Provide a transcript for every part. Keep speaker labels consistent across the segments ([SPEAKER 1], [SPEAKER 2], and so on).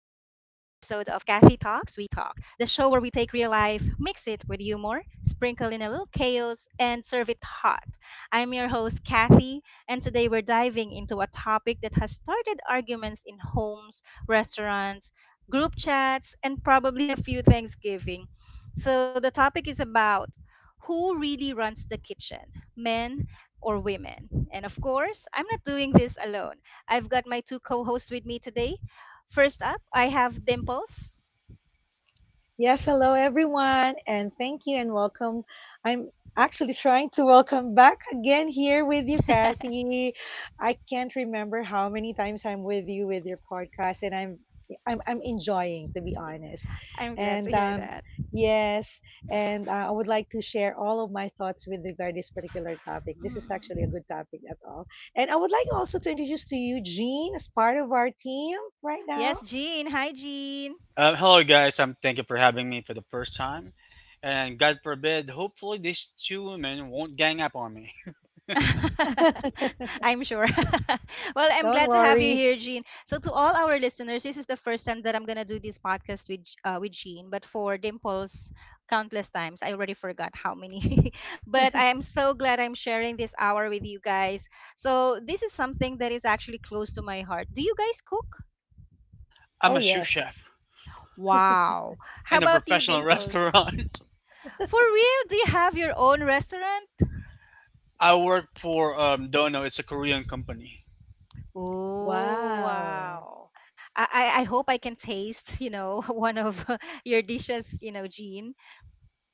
[SPEAKER 1] of Kathy Talks, We Talk, the show where we take real life, mix it with humor, sprinkle in a little chaos, and serve it hot. I'm your host, Kathy, and today we're diving into a topic that has started arguments in homes, restaurants, group chats, and probably a few Thanksgiving. So, the topic is about who really runs the kitchen men or women. And of course, I'm not doing this alone. I've got my two co hosts with me today. First up, I have Dimples.
[SPEAKER 2] Yes, hello everyone, and thank you and welcome. I'm actually trying to welcome back again here with you, Kathy. I can't remember how many times I'm with you with your podcast, and I'm enjoying to be honest.
[SPEAKER 1] I'm glad to
[SPEAKER 2] And
[SPEAKER 1] hear that.
[SPEAKER 2] yes, and I would like to share all of my thoughts with regard this particular topic. This is actually a
[SPEAKER 1] Mm.
[SPEAKER 2] good topic at all, and I would like also to introduce to you Jean as part of our team right now.
[SPEAKER 1] Yes, Jean. Hi, Jean.
[SPEAKER 3] Hello, guys. Thank you for having me for the first time. And God forbid, hopefully, these two women won't gang up on me.
[SPEAKER 1] I'm sure. Well, I'm
[SPEAKER 2] Don't
[SPEAKER 1] glad to have you
[SPEAKER 2] worry.
[SPEAKER 1] here, Jean. So, to all our listeners, this is the first time that I'm gonna do this podcast with with Jean. But for Dimples, countless times I already forgot how many. But I am so glad I'm sharing this hour with you guys. So, this is something that is actually close to my heart. Do you guys cook?
[SPEAKER 3] I'm
[SPEAKER 2] Oh,
[SPEAKER 3] a sous
[SPEAKER 2] yes.
[SPEAKER 3] chef
[SPEAKER 1] Wow. How
[SPEAKER 3] in a
[SPEAKER 1] about you,
[SPEAKER 3] professional
[SPEAKER 1] Dimples?
[SPEAKER 3] restaurant.
[SPEAKER 1] For real? Do you have your own restaurant?
[SPEAKER 3] I work for Dono, it's a Korean company.
[SPEAKER 1] Oh,
[SPEAKER 2] Wow.
[SPEAKER 1] wow. I hope I can taste, one of your dishes, Jean.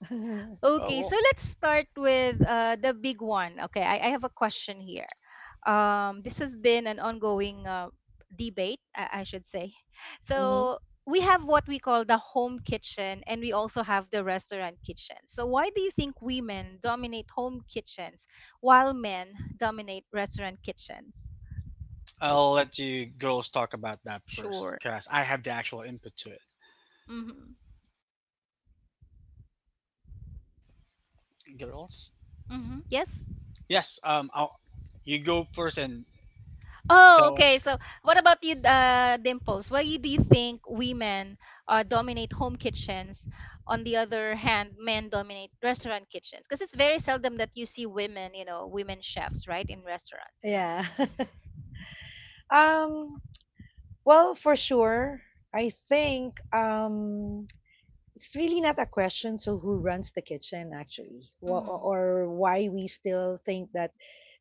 [SPEAKER 3] Oh,
[SPEAKER 1] Okay, so
[SPEAKER 3] well.
[SPEAKER 1] let's start with the big one. Okay, I have a question here. This has been an ongoing debate, I should say.
[SPEAKER 2] hmm
[SPEAKER 1] So we have what we call the home kitchen, and we also have the restaurant kitchen. So why do you think women dominate home kitchens while men dominate restaurant kitchens?
[SPEAKER 3] I'll let you girls talk about that first
[SPEAKER 1] Sure.
[SPEAKER 3] because I have the actual input to it. Girls?
[SPEAKER 1] Mm-hmm. Yes?
[SPEAKER 3] Yes, you go first and
[SPEAKER 1] Oh,
[SPEAKER 3] tell
[SPEAKER 1] okay.
[SPEAKER 3] us.
[SPEAKER 1] So, what about you, Dimples? Why do you think women dominate home kitchens? On the other hand, men dominate restaurant kitchens? Because it's very seldom that you see women chefs, right, in restaurants.
[SPEAKER 2] Yeah. um, well, for sure, I think it's really not a question. So, who runs the kitchen, actually,
[SPEAKER 1] Mm-hmm.
[SPEAKER 2] or why we still think that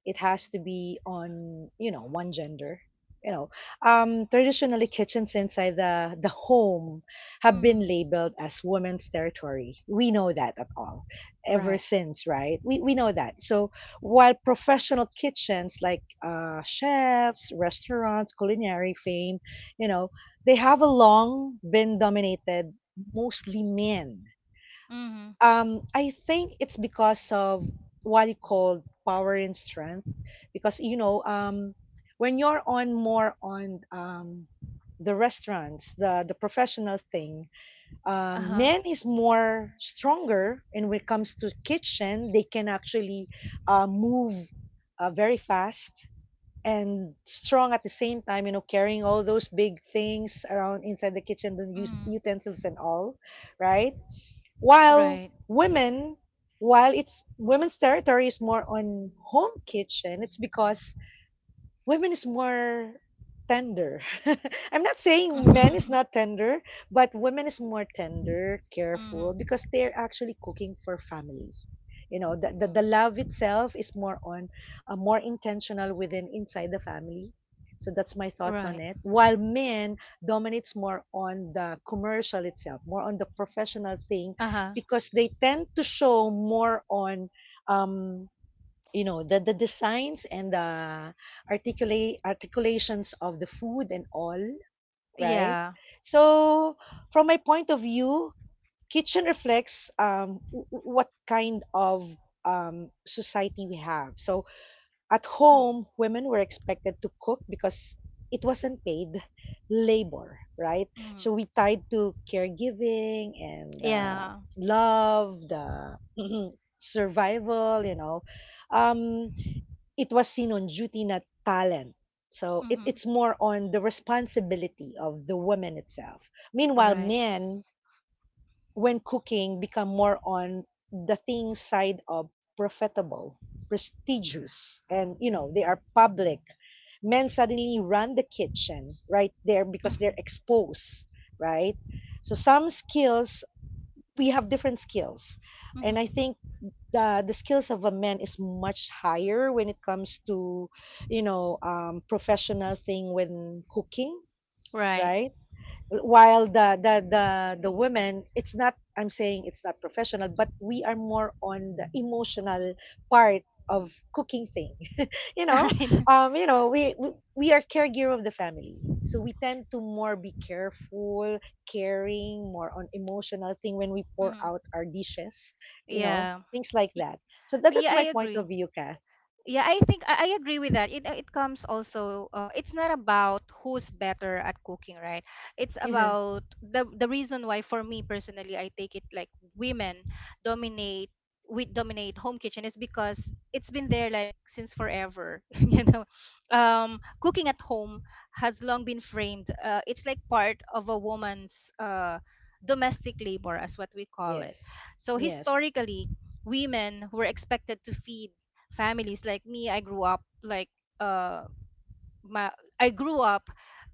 [SPEAKER 2] it has to be on, you know, one gender, you know. Um, traditionally kitchens inside the home have been
[SPEAKER 1] Mm-hmm.
[SPEAKER 2] labeled as women's territory, we know that at all, ever
[SPEAKER 1] Right.
[SPEAKER 2] since, right? We know that. So while professional kitchens, like uh, chefs, restaurants, culinary fame, you know, they have a long been dominated mostly men.
[SPEAKER 1] Mm-hmm.
[SPEAKER 2] Um, I think it's because of what you call power and strength, because you know, um, when you're on more on um, the restaurants, the professional thing, um,
[SPEAKER 1] Uh-huh.
[SPEAKER 2] men is more stronger, and when it comes to kitchen, they can actually move very fast and strong at the same time, you know, carrying all those big things around inside the kitchen, the
[SPEAKER 1] Mm-hmm.
[SPEAKER 2] utensils and all, right? While
[SPEAKER 1] Right.
[SPEAKER 2] women, while it's women's territory is more on home kitchen, it's because women is more tender. I'm not saying men is not tender, but women is more tender, careful,
[SPEAKER 1] Mm-hmm.
[SPEAKER 2] because they're actually cooking for family. You know, the
[SPEAKER 1] Mm-hmm.
[SPEAKER 2] love itself is more on more intentional within inside the family. So that's my thoughts on
[SPEAKER 1] Right.
[SPEAKER 2] it. While men dominates more on the commercial itself, more on the professional thing,
[SPEAKER 1] Uh-huh.
[SPEAKER 2] because they tend to show more on um, you know, the designs and the articulate articulations of the food and all, right?
[SPEAKER 1] Yeah.
[SPEAKER 2] So from my point of view, kitchen reflects um, what kind of um, society we have. So at home, women were expected to cook because it wasn't paid labor, right? So
[SPEAKER 1] Mm-hmm.
[SPEAKER 2] we tied to caregiving and
[SPEAKER 1] Yeah.
[SPEAKER 2] love, the survival, you know. Um, it was seen on duty, not talent. So it,
[SPEAKER 1] Mm-hmm.
[SPEAKER 2] it's more on the responsibility of the woman itself. Meanwhile,
[SPEAKER 1] Right.
[SPEAKER 2] men, when cooking, become more on the thing side of profitable, prestigious, and you know, they are public. Men suddenly run the kitchen right there because
[SPEAKER 1] Mm-hmm.
[SPEAKER 2] they're exposed, right? So some skills, we have different skills. And I
[SPEAKER 1] Mm-hmm.
[SPEAKER 2] think the skills of a man is much higher when it comes to, you know, um, professional thing when cooking,
[SPEAKER 1] Right.
[SPEAKER 2] right? While the women, it's not, I'm saying it's not professional, but we are more on the emotional part of cooking thing. You
[SPEAKER 1] All
[SPEAKER 2] know,
[SPEAKER 1] right.
[SPEAKER 2] um, you know, we are caregiver of the family, so we tend to more be careful, caring more on emotional thing when we pour
[SPEAKER 1] Hmm.
[SPEAKER 2] out our dishes, you know,
[SPEAKER 1] Yeah.
[SPEAKER 2] things like
[SPEAKER 1] Y-
[SPEAKER 2] that. So that that's
[SPEAKER 1] Yeah,
[SPEAKER 2] my
[SPEAKER 1] I
[SPEAKER 2] point
[SPEAKER 1] agree.
[SPEAKER 2] of view, Kath.
[SPEAKER 1] Yeah, I think I agree with that. It comes also. It's not about who's better at cooking, right? It's
[SPEAKER 2] Mhm.
[SPEAKER 1] about the reason why. For me personally, I take it like women dominate we dominate home kitchen, is because it's been there like since forever. Cooking at home has long been framed, it's like part of a woman's domestic labor, as what we call it.
[SPEAKER 2] Yes.
[SPEAKER 1] So
[SPEAKER 2] Yes.
[SPEAKER 1] historically, women were expected to feed families. Like me, uh my i grew up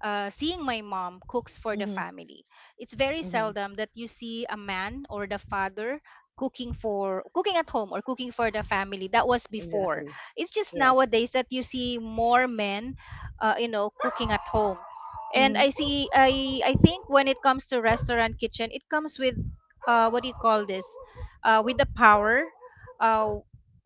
[SPEAKER 1] uh, seeing my mom cooks for the
[SPEAKER 2] Mm-hmm.
[SPEAKER 1] family. It's very
[SPEAKER 2] Mm-hmm.
[SPEAKER 1] seldom that you see a man or the father cooking for cooking at home or cooking for the family. That was before.
[SPEAKER 2] Exactly.
[SPEAKER 1] It's just
[SPEAKER 2] Yes.
[SPEAKER 1] nowadays that you see more men, cooking at home. And
[SPEAKER 2] Mm-hmm.
[SPEAKER 1] I see I think when it comes to restaurant kitchen, it comes with what do you call this, with the power, uh,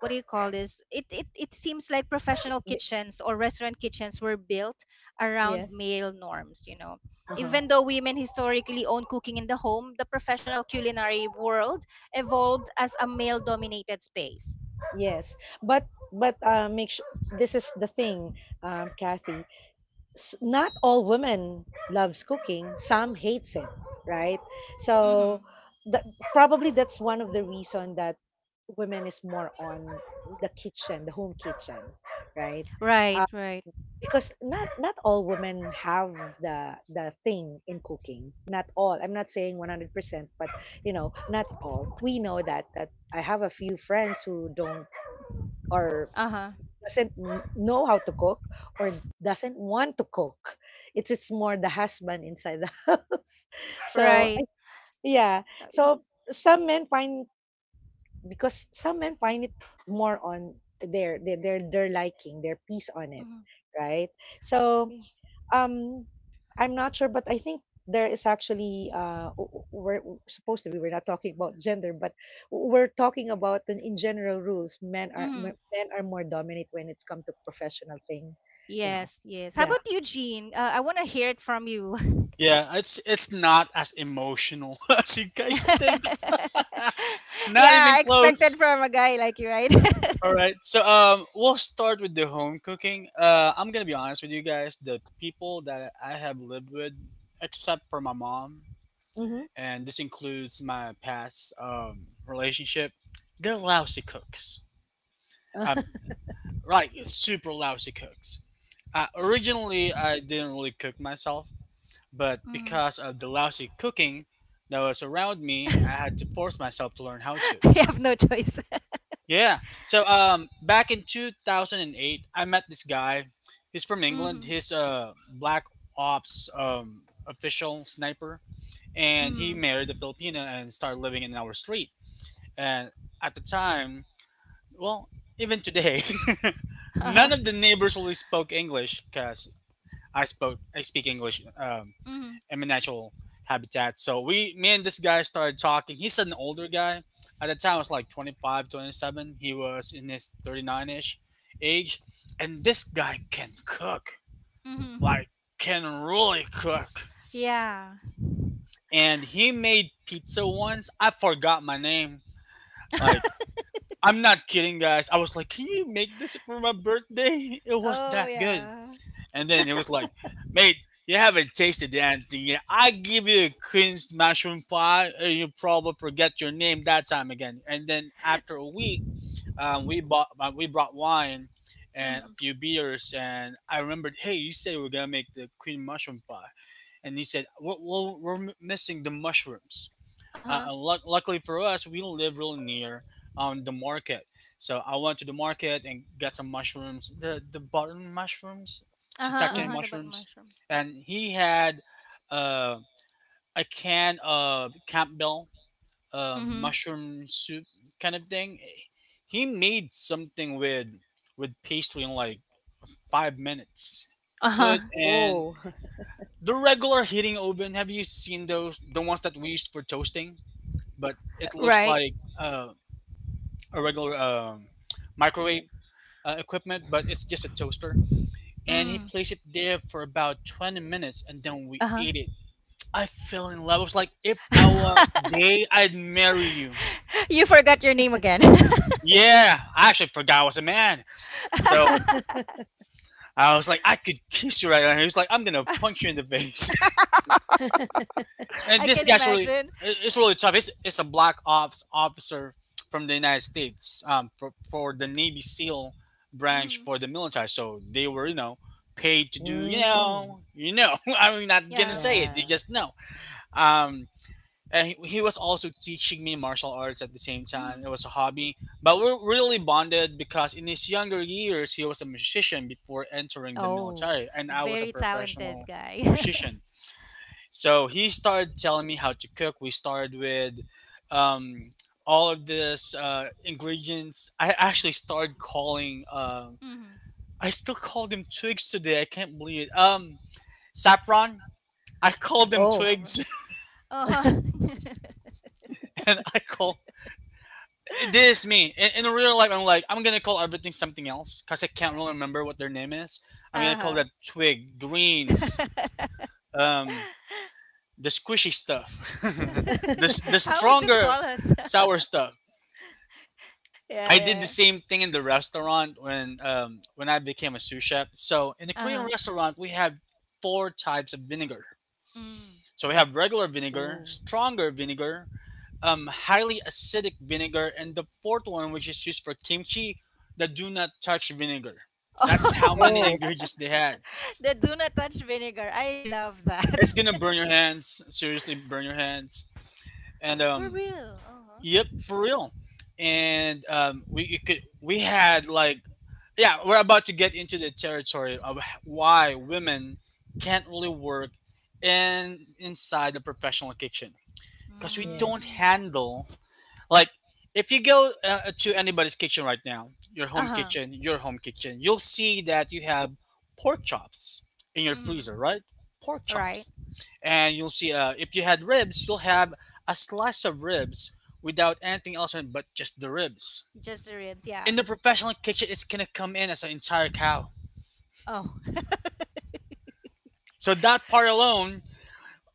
[SPEAKER 1] what do you call this? It seems like professional kitchens or restaurant kitchens were built around
[SPEAKER 2] Yes.
[SPEAKER 1] male norms.
[SPEAKER 2] Uh-huh.
[SPEAKER 1] Even though women historically own cooking in the home, the professional culinary world evolved as a male dominated space.
[SPEAKER 2] Yes. But uh, make sure this is the thing, Kathy. Not all women loves cooking. Some hates it, right? So
[SPEAKER 1] Mhm.
[SPEAKER 2] that probably that's one of the reason that women is more on the kitchen, the home kitchen, right?
[SPEAKER 1] Right, right.
[SPEAKER 2] Because not all women have the thing in cooking. Not all. I'm not saying 100%, but you know, not all. We know that that I have a few friends who don't, or
[SPEAKER 1] Uh-huh.
[SPEAKER 2] doesn't know how to cook or doesn't want to cook. It's more the husband inside the house. So
[SPEAKER 1] Right.
[SPEAKER 2] yeah. So some men find, because some men find it more on their liking, their peace on it,
[SPEAKER 1] Mhm.
[SPEAKER 2] right? So um, I'm not sure, but I think there is actually we're supposed to be, we're not talking about gender, but we're talking about the, in general rules. Men are
[SPEAKER 1] Mm-hmm.
[SPEAKER 2] men are more dominant when it's come to professional thing, you know.
[SPEAKER 1] Yes, yes. How
[SPEAKER 2] Yeah.
[SPEAKER 1] about you, Jean? I want to hear it from you.
[SPEAKER 3] Yeah, it's not as emotional as you guys think. Not even
[SPEAKER 1] Yeah, expected
[SPEAKER 3] close.
[SPEAKER 1] from a guy like you, right?
[SPEAKER 3] All right. So we'll start with the home cooking. I'm going to be honest with you guys, the people that I have lived with except for my mom
[SPEAKER 2] Mm-hmm.
[SPEAKER 3] and this includes my past relationship, they're lousy cooks. Um like super lousy cooks. Originally I didn't really cook myself, but
[SPEAKER 1] Mhm.
[SPEAKER 3] because of the lousy cooking that was around me, I had to force myself to learn how to.
[SPEAKER 1] I have no choice.
[SPEAKER 3] Yeah. So back in 2008, I met this guy. He's from
[SPEAKER 1] Mm-hmm.
[SPEAKER 3] England. He's a black ops official sniper, and
[SPEAKER 1] Mm-hmm.
[SPEAKER 3] he married a Filipina and started living in our street. And at the time, well, even today,
[SPEAKER 1] Uh-huh.
[SPEAKER 3] none of the neighbors really spoke English cuz I speak English.
[SPEAKER 1] Mm-hmm.
[SPEAKER 3] In my natural habitat. So me and this guy started talking. He's an older guy. At the time, I was like 25, 27. He was in his 39 ish age. And this guy can cook,
[SPEAKER 1] Mm-hmm.
[SPEAKER 3] like, can really cook.
[SPEAKER 1] Yeah.
[SPEAKER 3] And he made pizza once. I forgot my name. Like, I'm not kidding, guys. I was like, can you make this for my birthday? It was
[SPEAKER 1] Oh
[SPEAKER 3] that good.
[SPEAKER 1] yeah.
[SPEAKER 3] And then it was like, mate, you haven't tasted anything yet. I give you a cringed mushroom pie, and you probably forget your name that time again. And then after a week, we brought wine and a
[SPEAKER 1] Mm-hmm.
[SPEAKER 3] few beers, and I remembered, hey, you said we are gonna make the cream mushroom pie, and he said, well we're missing the mushrooms.
[SPEAKER 1] Uh-huh.
[SPEAKER 3] And luckily for us, we live really near the market. So I went to the market and got some mushrooms, the button mushrooms,
[SPEAKER 1] Uh-huh.
[SPEAKER 3] shiitake
[SPEAKER 2] Mm-hmm.
[SPEAKER 1] Uh-huh. The button
[SPEAKER 3] mushrooms,
[SPEAKER 1] mushrooms.
[SPEAKER 3] and he had uh, a can of Campbell
[SPEAKER 1] Mm-hmm.
[SPEAKER 3] mushroom soup kind of thing. He made something with pastry in like 5 minutes.
[SPEAKER 1] Uh-huh.
[SPEAKER 3] Put in
[SPEAKER 2] Oh.
[SPEAKER 3] the regular heating oven. Have you seen those? The ones that we used for toasting? But it looks
[SPEAKER 1] Right.
[SPEAKER 3] like a regular microwave equipment, but it's just a toaster. And he
[SPEAKER 1] Mm.
[SPEAKER 3] placed it there for about 20 minutes, and then we
[SPEAKER 1] Uh-huh.
[SPEAKER 3] ate it. I fell in love. I was like, if I was gay, I'd marry you.
[SPEAKER 1] You forgot your name again.
[SPEAKER 3] Yeah, I actually forgot I was a man. So I was like, I could kiss you right now. He was like, I'm gonna punch you in the face. And
[SPEAKER 1] I
[SPEAKER 3] this
[SPEAKER 1] can
[SPEAKER 3] guy's really,
[SPEAKER 1] imagine.
[SPEAKER 3] it's really tough. It's a black ops officer from the United States, for the Navy SEAL branch
[SPEAKER 1] Mm-hmm.
[SPEAKER 3] for the military. So they were, you know, paid to do, you
[SPEAKER 2] Mm.
[SPEAKER 3] know, you know. I'm not gonna
[SPEAKER 1] Yeah.
[SPEAKER 3] say it. You
[SPEAKER 2] Yeah.
[SPEAKER 3] just know. Um, and he was also teaching me martial arts at the same time. It
[SPEAKER 1] Mm-hmm.
[SPEAKER 3] was a hobby, but we're really bonded because in his younger years he was a musician before entering the
[SPEAKER 1] Oh,
[SPEAKER 3] military, and I was a
[SPEAKER 1] very talented
[SPEAKER 3] professional
[SPEAKER 1] guy.
[SPEAKER 3] musician. So he started telling me how to cook. We started with um, all of this ingredients. I actually started calling.
[SPEAKER 1] Mm-hmm.
[SPEAKER 3] I still call them twigs today. I can't believe it. Saffron. I call them
[SPEAKER 2] Oh.
[SPEAKER 3] twigs,
[SPEAKER 1] Sovereign. Uh-huh.
[SPEAKER 3] and I call this is me in real life. I'm like I'm gonna call everything something else because I can't really remember what their name is. I'm gonna call
[SPEAKER 1] Uh-huh.
[SPEAKER 3] that twig, greens, um, the squishy stuff, the the
[SPEAKER 1] How would you
[SPEAKER 3] stronger
[SPEAKER 1] call us?
[SPEAKER 3] sour stuff.
[SPEAKER 1] Yeah,
[SPEAKER 3] I did the
[SPEAKER 1] yeah.
[SPEAKER 3] same thing in the restaurant when I became a sous chef. So in the Korean
[SPEAKER 1] Uh-huh.
[SPEAKER 3] restaurant, we have 4 types of vinegar.
[SPEAKER 1] Mm.
[SPEAKER 3] So we have regular vinegar,
[SPEAKER 1] Ooh.
[SPEAKER 3] stronger vinegar, highly acidic vinegar, and the fourth one, which is used for kimchi, the do not touch vinegar. That's how many
[SPEAKER 2] Oh.
[SPEAKER 1] Oh.
[SPEAKER 3] ingredients they had.
[SPEAKER 1] The do not touch vinegar. I love that.
[SPEAKER 3] It's gonna burn your hands. Seriously, burn your hands. And
[SPEAKER 1] For real. Uh-huh.
[SPEAKER 3] Yep, for real. And we you could we had like Yeah, we're about to get into the territory of why women can't really work in inside the professional kitchen because we
[SPEAKER 2] Yes.
[SPEAKER 3] don't
[SPEAKER 1] Mm.
[SPEAKER 3] handle like if you go to anybody's kitchen right now,
[SPEAKER 1] Uh-huh.
[SPEAKER 3] your home kitchen, you'll see that you have pork chops in your
[SPEAKER 1] Mm.
[SPEAKER 3] freezer, right? Pork
[SPEAKER 1] Right.
[SPEAKER 3] chops, and you'll see if you had ribs, you'll have a slice of ribs without anything else on it but just the ribs.
[SPEAKER 1] Just the ribs, yeah.
[SPEAKER 3] In the professional kitchen, it's gonna come in as an entire cow.
[SPEAKER 1] Oh.
[SPEAKER 3] So that part alone,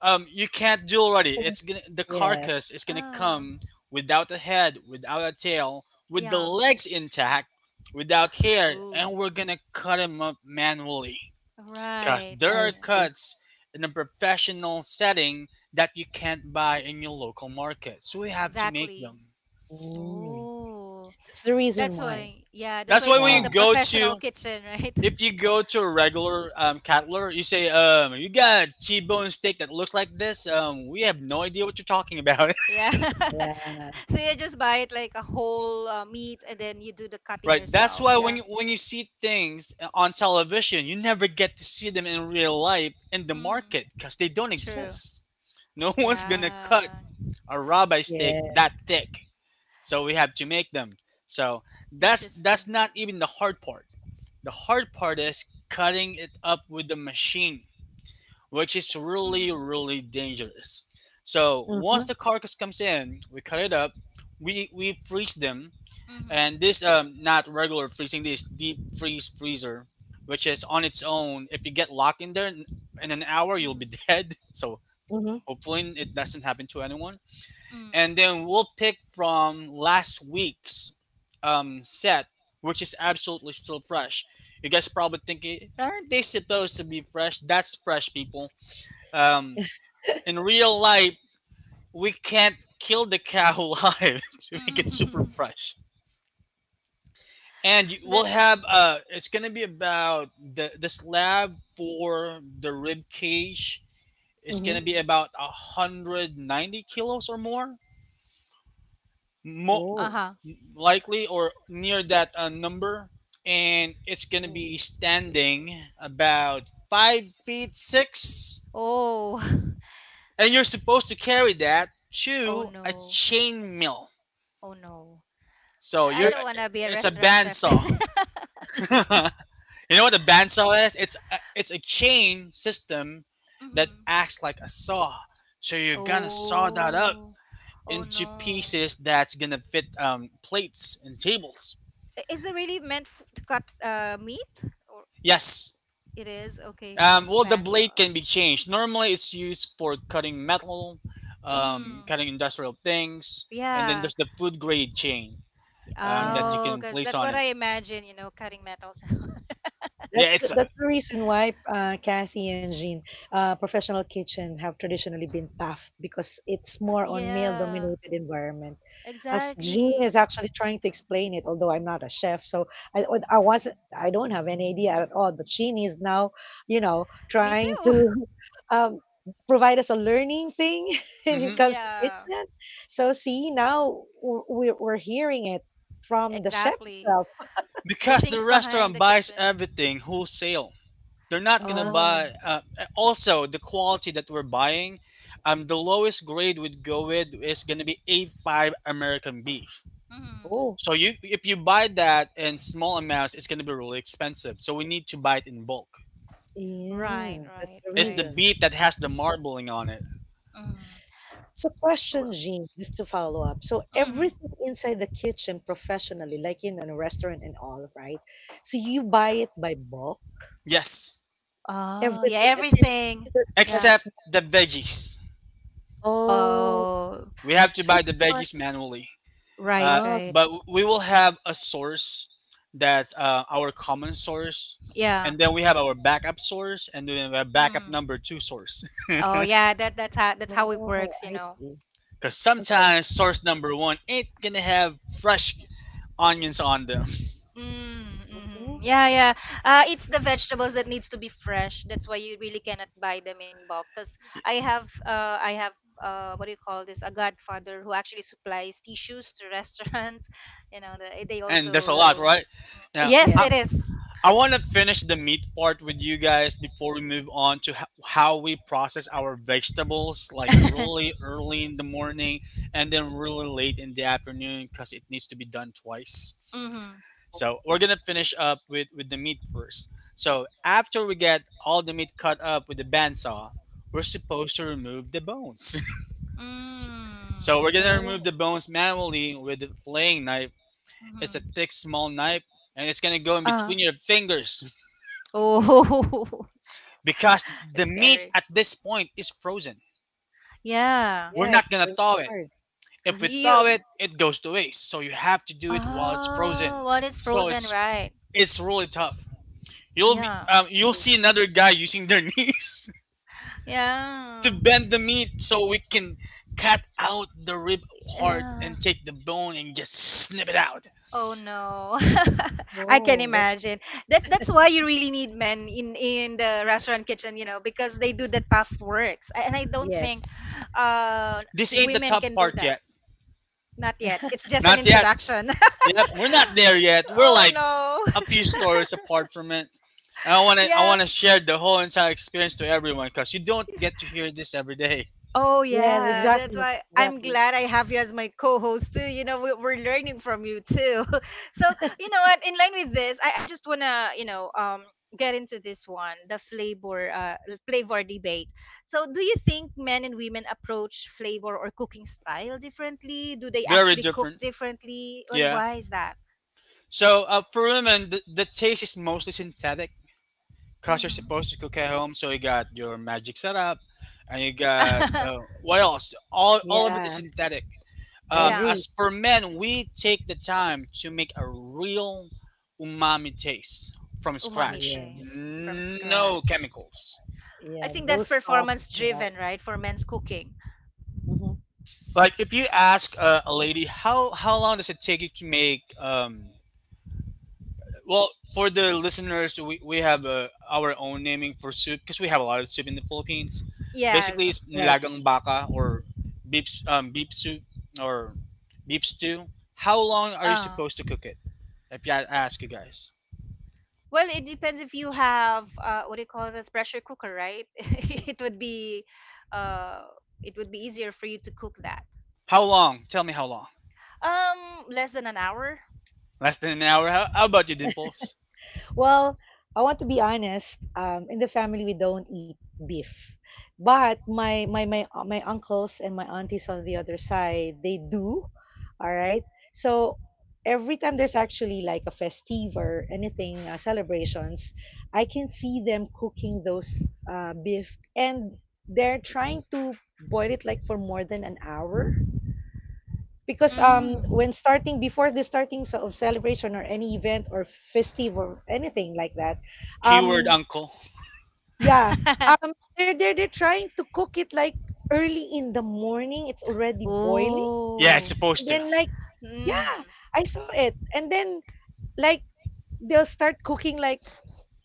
[SPEAKER 3] you can't do already.
[SPEAKER 2] Can,
[SPEAKER 3] It's gonna The carcass
[SPEAKER 2] yes.
[SPEAKER 3] is gonna
[SPEAKER 1] Oh,
[SPEAKER 3] come without a head, without a tail, with the
[SPEAKER 1] yeah.
[SPEAKER 3] legs intact, without hair, and
[SPEAKER 1] Ooh.
[SPEAKER 3] we're gonna cut him up manually. Cause
[SPEAKER 1] Right.
[SPEAKER 3] there
[SPEAKER 1] Yeah,
[SPEAKER 2] I
[SPEAKER 3] are
[SPEAKER 1] yeah.
[SPEAKER 2] see.
[SPEAKER 3] cuts in a professional setting that you can't buy in your local market, so we have to make
[SPEAKER 1] Exactly.
[SPEAKER 3] them.
[SPEAKER 2] Mm.
[SPEAKER 1] Ooh.
[SPEAKER 2] That's the reason
[SPEAKER 1] That's
[SPEAKER 2] why.
[SPEAKER 1] why, yeah, that's
[SPEAKER 3] That's
[SPEAKER 1] why
[SPEAKER 3] why
[SPEAKER 1] it's
[SPEAKER 3] when
[SPEAKER 1] called
[SPEAKER 2] Yeah.
[SPEAKER 3] you
[SPEAKER 1] the
[SPEAKER 3] go
[SPEAKER 1] professional
[SPEAKER 3] to
[SPEAKER 1] kitchen, right?
[SPEAKER 3] If you go to a regular cattler, you say, "You got a T-bone steak that looks like this." We have no idea what you're talking about.
[SPEAKER 1] Yeah.
[SPEAKER 2] Yeah.
[SPEAKER 1] So you just buy it like a whole meat, and then you do the cutting
[SPEAKER 3] Right. That's
[SPEAKER 1] yourself.
[SPEAKER 3] why
[SPEAKER 1] Yeah.
[SPEAKER 3] when you see things on television, you never get to see them in real life in the
[SPEAKER 1] Mm-hmm.
[SPEAKER 3] market because they don't
[SPEAKER 1] True.
[SPEAKER 3] exist. No one's gonna cut
[SPEAKER 1] Yeah.
[SPEAKER 3] a rabbi steak
[SPEAKER 2] Yes.
[SPEAKER 3] that thick, so we have to make them. So that's
[SPEAKER 1] Interesting.
[SPEAKER 3] not even the hard part. The hard part is cutting it up with the machine, which is really
[SPEAKER 1] Mm-hmm.
[SPEAKER 3] really dangerous. So once
[SPEAKER 2] Mm-hmm.
[SPEAKER 3] the carcass comes in, we cut it up, we freeze them,
[SPEAKER 1] Mm-hmm.
[SPEAKER 3] and this not regular freezing, this deep freeze freezer, which is on its own. If you get locked in there in an hour, you'll be dead, so
[SPEAKER 2] Mm-hmm.
[SPEAKER 3] hopefully it doesn't happen to anyone. And
[SPEAKER 1] Mm-hmm.
[SPEAKER 3] then we'll pick from last week's set, which is absolutely still fresh. You guys probably thinking, aren't they supposed to be fresh? That's fresh, people. um in real life, we can't kill the cow live to make it super
[SPEAKER 1] Mm-hmm.
[SPEAKER 3] fresh. And you- we'll
[SPEAKER 1] That's right.
[SPEAKER 3] have It's gonna be about the slab for the rib cage. Is
[SPEAKER 2] Mm-hmm.
[SPEAKER 3] gonna be
[SPEAKER 1] Mm-hmm.
[SPEAKER 3] about 190 kilos or more, mo-
[SPEAKER 2] Oh,
[SPEAKER 1] Uh-huh.
[SPEAKER 3] likely or near that number. And it's gonna
[SPEAKER 1] Ooh.
[SPEAKER 3] be standing about 5'6",
[SPEAKER 1] Oh.
[SPEAKER 3] and you're supposed to carry that
[SPEAKER 1] Oh
[SPEAKER 3] to a
[SPEAKER 1] no.
[SPEAKER 3] chain mill.
[SPEAKER 1] Oh no.
[SPEAKER 3] So
[SPEAKER 1] I
[SPEAKER 3] you're
[SPEAKER 1] don't
[SPEAKER 2] that's,
[SPEAKER 1] want to be a
[SPEAKER 3] It's a
[SPEAKER 1] restaurant chef
[SPEAKER 3] bandsaw.
[SPEAKER 1] then.
[SPEAKER 3] You know what a bandsaw is? It's a chain system that
[SPEAKER 1] Mm-hmm.
[SPEAKER 3] acts like a saw. So you're gonna saw that up
[SPEAKER 1] Oh. Oh
[SPEAKER 3] into
[SPEAKER 1] no.
[SPEAKER 3] pieces that's gonna fit plates and tables.
[SPEAKER 1] Is it really meant to cut meat? Or
[SPEAKER 3] Yes.
[SPEAKER 1] it is? Okay, so it's
[SPEAKER 3] Well, the blade
[SPEAKER 1] bandsaw.
[SPEAKER 3] can be changed. Normally, it's used for cutting metal,
[SPEAKER 1] Mm-hmm.
[SPEAKER 3] cutting industrial things, and then
[SPEAKER 1] Yeah.
[SPEAKER 3] there's the food grade chain that
[SPEAKER 2] yeah.
[SPEAKER 3] you
[SPEAKER 1] Oh,
[SPEAKER 3] can
[SPEAKER 1] because
[SPEAKER 3] place
[SPEAKER 1] that's
[SPEAKER 3] on
[SPEAKER 1] what
[SPEAKER 3] it.
[SPEAKER 1] I imagine, cutting metals.
[SPEAKER 3] Yeah, it's
[SPEAKER 2] That's the reason why Kathy and Jean, professional kitchen have traditionally been tough because it's more on
[SPEAKER 1] Yeah,
[SPEAKER 2] male-dominated environment. As Jean
[SPEAKER 1] exactly.
[SPEAKER 2] is actually trying to explain it, although I'm not a chef, so I I wasn't, I don't have any idea at all. But Jean is now, you know,
[SPEAKER 1] Me
[SPEAKER 2] trying to
[SPEAKER 1] too.
[SPEAKER 2] um, provide us a learning thing when it
[SPEAKER 3] mhm.
[SPEAKER 1] Mm,
[SPEAKER 2] comes to
[SPEAKER 1] yeah,
[SPEAKER 2] kitchen. So see, now we're hearing it from the chef
[SPEAKER 1] exactly.
[SPEAKER 2] itself.
[SPEAKER 1] The
[SPEAKER 3] because the
[SPEAKER 1] things behind
[SPEAKER 3] restaurant
[SPEAKER 1] the
[SPEAKER 3] buys
[SPEAKER 1] kitchen.
[SPEAKER 3] everything wholesale. They're not gonna
[SPEAKER 2] uh
[SPEAKER 1] Oh.
[SPEAKER 3] buy. Also, the quality that we're buying, the lowest grade we'd go with is gonna be A5 American beef.
[SPEAKER 1] Mm-hmm.
[SPEAKER 2] Oh,
[SPEAKER 3] So you, if you buy that in small amounts, it's gonna be really expensive. So we need to buy it in bulk.
[SPEAKER 1] Right,
[SPEAKER 2] yeah, that's
[SPEAKER 1] right,
[SPEAKER 2] the
[SPEAKER 3] It's the
[SPEAKER 1] right.
[SPEAKER 2] reason.
[SPEAKER 3] beef that has the marbling on it.
[SPEAKER 1] Mm-hmm.
[SPEAKER 2] So, question, Jean, just to follow up. So, everything
[SPEAKER 1] Mm-hmm.
[SPEAKER 2] inside the kitchen professionally, like in a restaurant and all, right? So, you buy it by bulk,
[SPEAKER 3] Yes,
[SPEAKER 1] Oh, yeah,
[SPEAKER 2] everything, as in, it
[SPEAKER 1] everything.
[SPEAKER 2] does-
[SPEAKER 1] Yeah.
[SPEAKER 3] except the veggies.
[SPEAKER 2] oh,
[SPEAKER 1] Oh,
[SPEAKER 3] We have to
[SPEAKER 2] so
[SPEAKER 3] buy
[SPEAKER 2] it's
[SPEAKER 3] the
[SPEAKER 2] part,
[SPEAKER 3] veggies manually.
[SPEAKER 1] right,
[SPEAKER 2] oh,
[SPEAKER 1] right.
[SPEAKER 3] But we will have a source that's our common source,
[SPEAKER 1] Yeah.
[SPEAKER 3] and then we have our backup source, and then we have backup
[SPEAKER 1] Mm.
[SPEAKER 3] number two source.
[SPEAKER 1] Oh yeah, that's how it
[SPEAKER 2] oh,
[SPEAKER 1] works, you
[SPEAKER 2] I
[SPEAKER 1] know.
[SPEAKER 2] see.
[SPEAKER 3] Because
[SPEAKER 2] Okay.
[SPEAKER 3] sometimes source number one ain't gonna have fresh onions on them,
[SPEAKER 1] Mm, mm,
[SPEAKER 2] Mm-hmm.
[SPEAKER 1] yeah, yeah. It's the vegetables that needs to be fresh. That's why you really cannot buy them in bulk. Cause I have what do you call this? A godfather who actually supplies tissues to restaurants. They
[SPEAKER 3] and there's a lot,
[SPEAKER 1] also,
[SPEAKER 3] right? Now,
[SPEAKER 1] yes,
[SPEAKER 3] I,
[SPEAKER 2] Yeah.
[SPEAKER 1] it is.
[SPEAKER 3] I want to finish the meat part with you guys before we move on to how we process our vegetables, like really early in the morning and then really late in the afternoon, because it needs to be done twice.
[SPEAKER 1] Mm-hmm.
[SPEAKER 3] So we're gonna finish up with the meat first. So after we get all the meat cut up with the bandsaw, we're supposed to remove the bones.
[SPEAKER 1] Mm.
[SPEAKER 3] S-
[SPEAKER 1] Hmm.
[SPEAKER 3] so we're gonna
[SPEAKER 2] Oh,
[SPEAKER 3] remove the bones manually with the flaying knife.
[SPEAKER 1] Mm.
[SPEAKER 3] It's a
[SPEAKER 1] Hmm.
[SPEAKER 3] thick, small knife, and it's gonna go in
[SPEAKER 1] Uh,
[SPEAKER 3] between your fingers
[SPEAKER 1] oh,
[SPEAKER 3] because the
[SPEAKER 1] it's
[SPEAKER 3] meat
[SPEAKER 1] scary.
[SPEAKER 3] at this point is frozen.
[SPEAKER 1] Yeah.
[SPEAKER 3] We're
[SPEAKER 2] yes.
[SPEAKER 3] not
[SPEAKER 2] So,
[SPEAKER 3] gonna thaw
[SPEAKER 2] it's
[SPEAKER 3] it.
[SPEAKER 2] hard.
[SPEAKER 3] If we
[SPEAKER 2] Mm-hmm.
[SPEAKER 3] thaw
[SPEAKER 1] You.
[SPEAKER 3] it, it goes to waste. So you have to do it while it's
[SPEAKER 1] Oh,
[SPEAKER 3] frozen.
[SPEAKER 1] well, it's
[SPEAKER 3] So
[SPEAKER 1] frozen, right?
[SPEAKER 3] it's really tough.
[SPEAKER 1] Yeah.
[SPEAKER 3] You'll see another guy using their knees to
[SPEAKER 1] Yeah.
[SPEAKER 3] bend the meat so we can cut out the rib part
[SPEAKER 1] Yeah.
[SPEAKER 3] and take the bone and just snip it out.
[SPEAKER 1] Oh no. I can
[SPEAKER 2] Oh, that's,
[SPEAKER 1] imagine. That's why you really need men in the restaurant kitchen, you know, because they do the tough works. And I don't think
[SPEAKER 2] yes.
[SPEAKER 1] uh
[SPEAKER 3] This ain't the
[SPEAKER 1] women
[SPEAKER 3] top
[SPEAKER 1] can do
[SPEAKER 3] part
[SPEAKER 1] that.
[SPEAKER 3] yet.
[SPEAKER 1] Not yet. It's just an
[SPEAKER 3] Not yet.
[SPEAKER 1] introduction.
[SPEAKER 3] Yep, we're not there yet. We're
[SPEAKER 1] Oh
[SPEAKER 3] like
[SPEAKER 1] no.
[SPEAKER 3] a few stories apart from it. And I want to I
[SPEAKER 1] Yeah.
[SPEAKER 3] want to share the whole entire experience to everyone because you don't get to hear this every day.
[SPEAKER 1] Oh
[SPEAKER 2] Yes,
[SPEAKER 1] yeah, that's
[SPEAKER 2] exactly.
[SPEAKER 1] why I'm
[SPEAKER 2] Exactly.
[SPEAKER 1] glad I have you as my co-host too. We're learning from you too. So you know what? In line with this, I just wanna get into this one, the flavor debate. So do you think men and women approach flavor or cooking style differently? Do they
[SPEAKER 3] Very
[SPEAKER 1] actually cook
[SPEAKER 3] different.
[SPEAKER 1] differently, and
[SPEAKER 3] Yeah.
[SPEAKER 1] why is that?
[SPEAKER 3] So for women, the taste is mostly synthetic, cause you're
[SPEAKER 1] Hmm.
[SPEAKER 3] supposed to cook at home, so you got your magic setup, and you got what else? All of it is
[SPEAKER 2] Yeah.
[SPEAKER 3] synthetic.
[SPEAKER 2] I
[SPEAKER 1] Yeah,
[SPEAKER 2] agree.
[SPEAKER 3] As for men, we take the time to make a real umami taste from
[SPEAKER 1] umami
[SPEAKER 3] scratch.
[SPEAKER 1] taste from
[SPEAKER 2] Yes.
[SPEAKER 3] No
[SPEAKER 1] scratch.
[SPEAKER 3] chemicals.
[SPEAKER 1] I
[SPEAKER 2] Yeah,
[SPEAKER 1] think
[SPEAKER 2] those
[SPEAKER 1] that's
[SPEAKER 2] sauces
[SPEAKER 1] performance
[SPEAKER 2] and all.
[SPEAKER 1] driven, right? For men's cooking.
[SPEAKER 2] hmm
[SPEAKER 3] Like if you ask a lady, how long does it take you to make well, for the listeners, we have our own naming for soup because we have a lot of soup in the Philippines.
[SPEAKER 1] Yes.
[SPEAKER 3] Basically, it's
[SPEAKER 2] Yes.
[SPEAKER 3] nilagang baka or beef soup or beef stew. How long are you
[SPEAKER 1] Uh,
[SPEAKER 3] supposed to cook it? If I ask you guys,
[SPEAKER 1] well, it depends if you have what do you call this pressure cooker, right? Uh, it would be easier for you to cook that.
[SPEAKER 3] how long? Tell me how long.
[SPEAKER 1] Less than an hour.
[SPEAKER 3] Less than an hour. How about you, Dimples?
[SPEAKER 2] Well, I want to be honest. In the family, we don't eat beef, but my uncles and my aunties on the other side, they do. All right. So every time there's actually like a festive or anything celebrations, I can see them cooking those beef, and they're trying to boil it like for more than an hour because um,
[SPEAKER 1] Mm.
[SPEAKER 2] when starting before the starting of celebration or any event or festive or anything like that,
[SPEAKER 3] Keyword
[SPEAKER 2] um,
[SPEAKER 3] uncle.
[SPEAKER 2] yeah, um, they're trying to cook it like early in the morning, it's already boiling,
[SPEAKER 3] Yeah, it's
[SPEAKER 1] Oh.
[SPEAKER 2] and
[SPEAKER 3] supposed to.
[SPEAKER 2] then like
[SPEAKER 1] Mm.
[SPEAKER 2] yeah, I saw it, and then like they'll start cooking like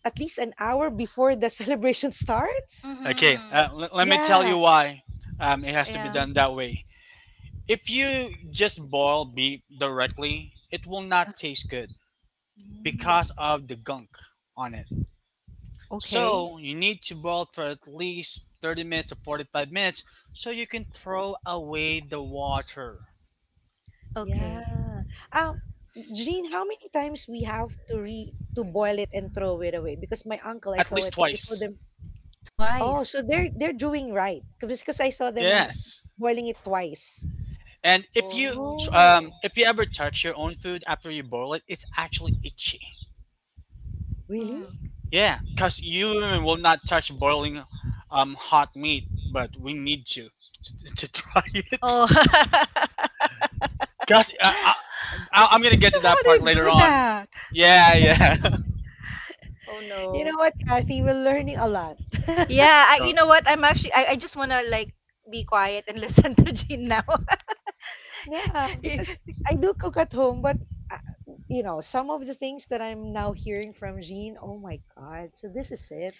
[SPEAKER 2] at least an hour before the celebration starts,
[SPEAKER 3] Okay,
[SPEAKER 2] so
[SPEAKER 1] Mm-hmm.
[SPEAKER 3] let me tell
[SPEAKER 2] yeah.
[SPEAKER 3] you why it has to be
[SPEAKER 1] Yeah.
[SPEAKER 2] Mhm.
[SPEAKER 3] done that way. If you just boil beef directly, it will
[SPEAKER 2] Ah,
[SPEAKER 3] not taste good
[SPEAKER 1] Mm.
[SPEAKER 3] because of the gunk on it.
[SPEAKER 1] Okay.
[SPEAKER 3] So you need to boil for at least 30 minutes or 45 minutes so you can throw away the water
[SPEAKER 2] yeah.
[SPEAKER 1] Okay.
[SPEAKER 2] Um, Jean, how many times we have to re to boil it and throw it away? Because my uncle, I
[SPEAKER 3] at
[SPEAKER 2] saw
[SPEAKER 3] least
[SPEAKER 2] it, I saw
[SPEAKER 3] twice.
[SPEAKER 2] them. Oh, so
[SPEAKER 1] Twice.
[SPEAKER 2] they're doing right. Because I saw them
[SPEAKER 3] Yes.
[SPEAKER 2] boiling it twice.
[SPEAKER 3] And
[SPEAKER 1] Oh.
[SPEAKER 2] Oh,
[SPEAKER 3] if you ever touch your own food after you boil it, it's actually itchy.
[SPEAKER 2] really?
[SPEAKER 1] Mm.
[SPEAKER 3] Yeah, because you will not touch boiling hot meat, but we need to to try it.
[SPEAKER 1] Oh. How
[SPEAKER 3] Because I'm gonna get to that
[SPEAKER 1] do you
[SPEAKER 3] part later
[SPEAKER 1] do
[SPEAKER 3] on.
[SPEAKER 1] that?
[SPEAKER 3] Yeah, yeah.
[SPEAKER 1] Oh
[SPEAKER 2] You
[SPEAKER 1] no.
[SPEAKER 2] know what, Kathy? We're learning a lot.
[SPEAKER 1] Yeah, you
[SPEAKER 3] So,
[SPEAKER 1] know what? I just wanna like be quiet and listen to Jean now.
[SPEAKER 2] Yeah, because I do cook at home, but uh, you know, some of the things that I'm now hearing from Jean, oh my God, so this is it.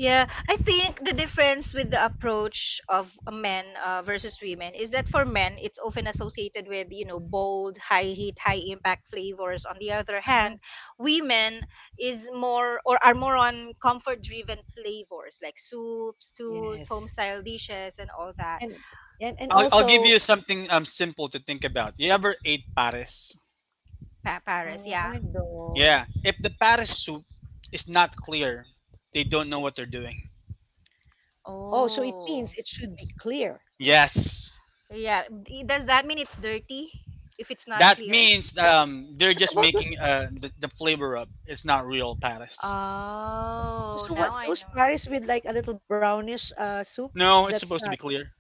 [SPEAKER 1] Yeah, I think the difference with the approach of men, versus women, is that for men it's often associated with bold, high heat, high impact flavors. On the other hand,
[SPEAKER 2] Uh-huh.
[SPEAKER 1] women is more or are more on comfort driven flavors like soups, stews, home
[SPEAKER 2] Yes.
[SPEAKER 1] style dishes, and all that.
[SPEAKER 2] And and
[SPEAKER 3] I'll give
[SPEAKER 2] also,
[SPEAKER 3] you something simple to think about. You ever ate pares?
[SPEAKER 1] Paris,
[SPEAKER 2] oh,
[SPEAKER 1] yeah.
[SPEAKER 2] I don't.
[SPEAKER 3] Yeah. If the pares soup is not clear, they don't know what they're doing.
[SPEAKER 2] Oh, so it means
[SPEAKER 1] Oh.
[SPEAKER 2] it should be clear.
[SPEAKER 3] Yes.
[SPEAKER 1] Yeah. Does that mean it's dirty if it's not
[SPEAKER 3] That
[SPEAKER 1] clear?
[SPEAKER 3] means they're
[SPEAKER 2] What
[SPEAKER 3] just
[SPEAKER 2] about those,
[SPEAKER 3] making the flavor up. It's not real pares.
[SPEAKER 1] Oh,
[SPEAKER 2] so
[SPEAKER 1] now
[SPEAKER 2] what
[SPEAKER 1] I
[SPEAKER 2] those Paris with
[SPEAKER 1] know.
[SPEAKER 2] like a little brownish soup?
[SPEAKER 3] No, it's
[SPEAKER 2] That's
[SPEAKER 3] supposed
[SPEAKER 2] not.
[SPEAKER 3] to be clear.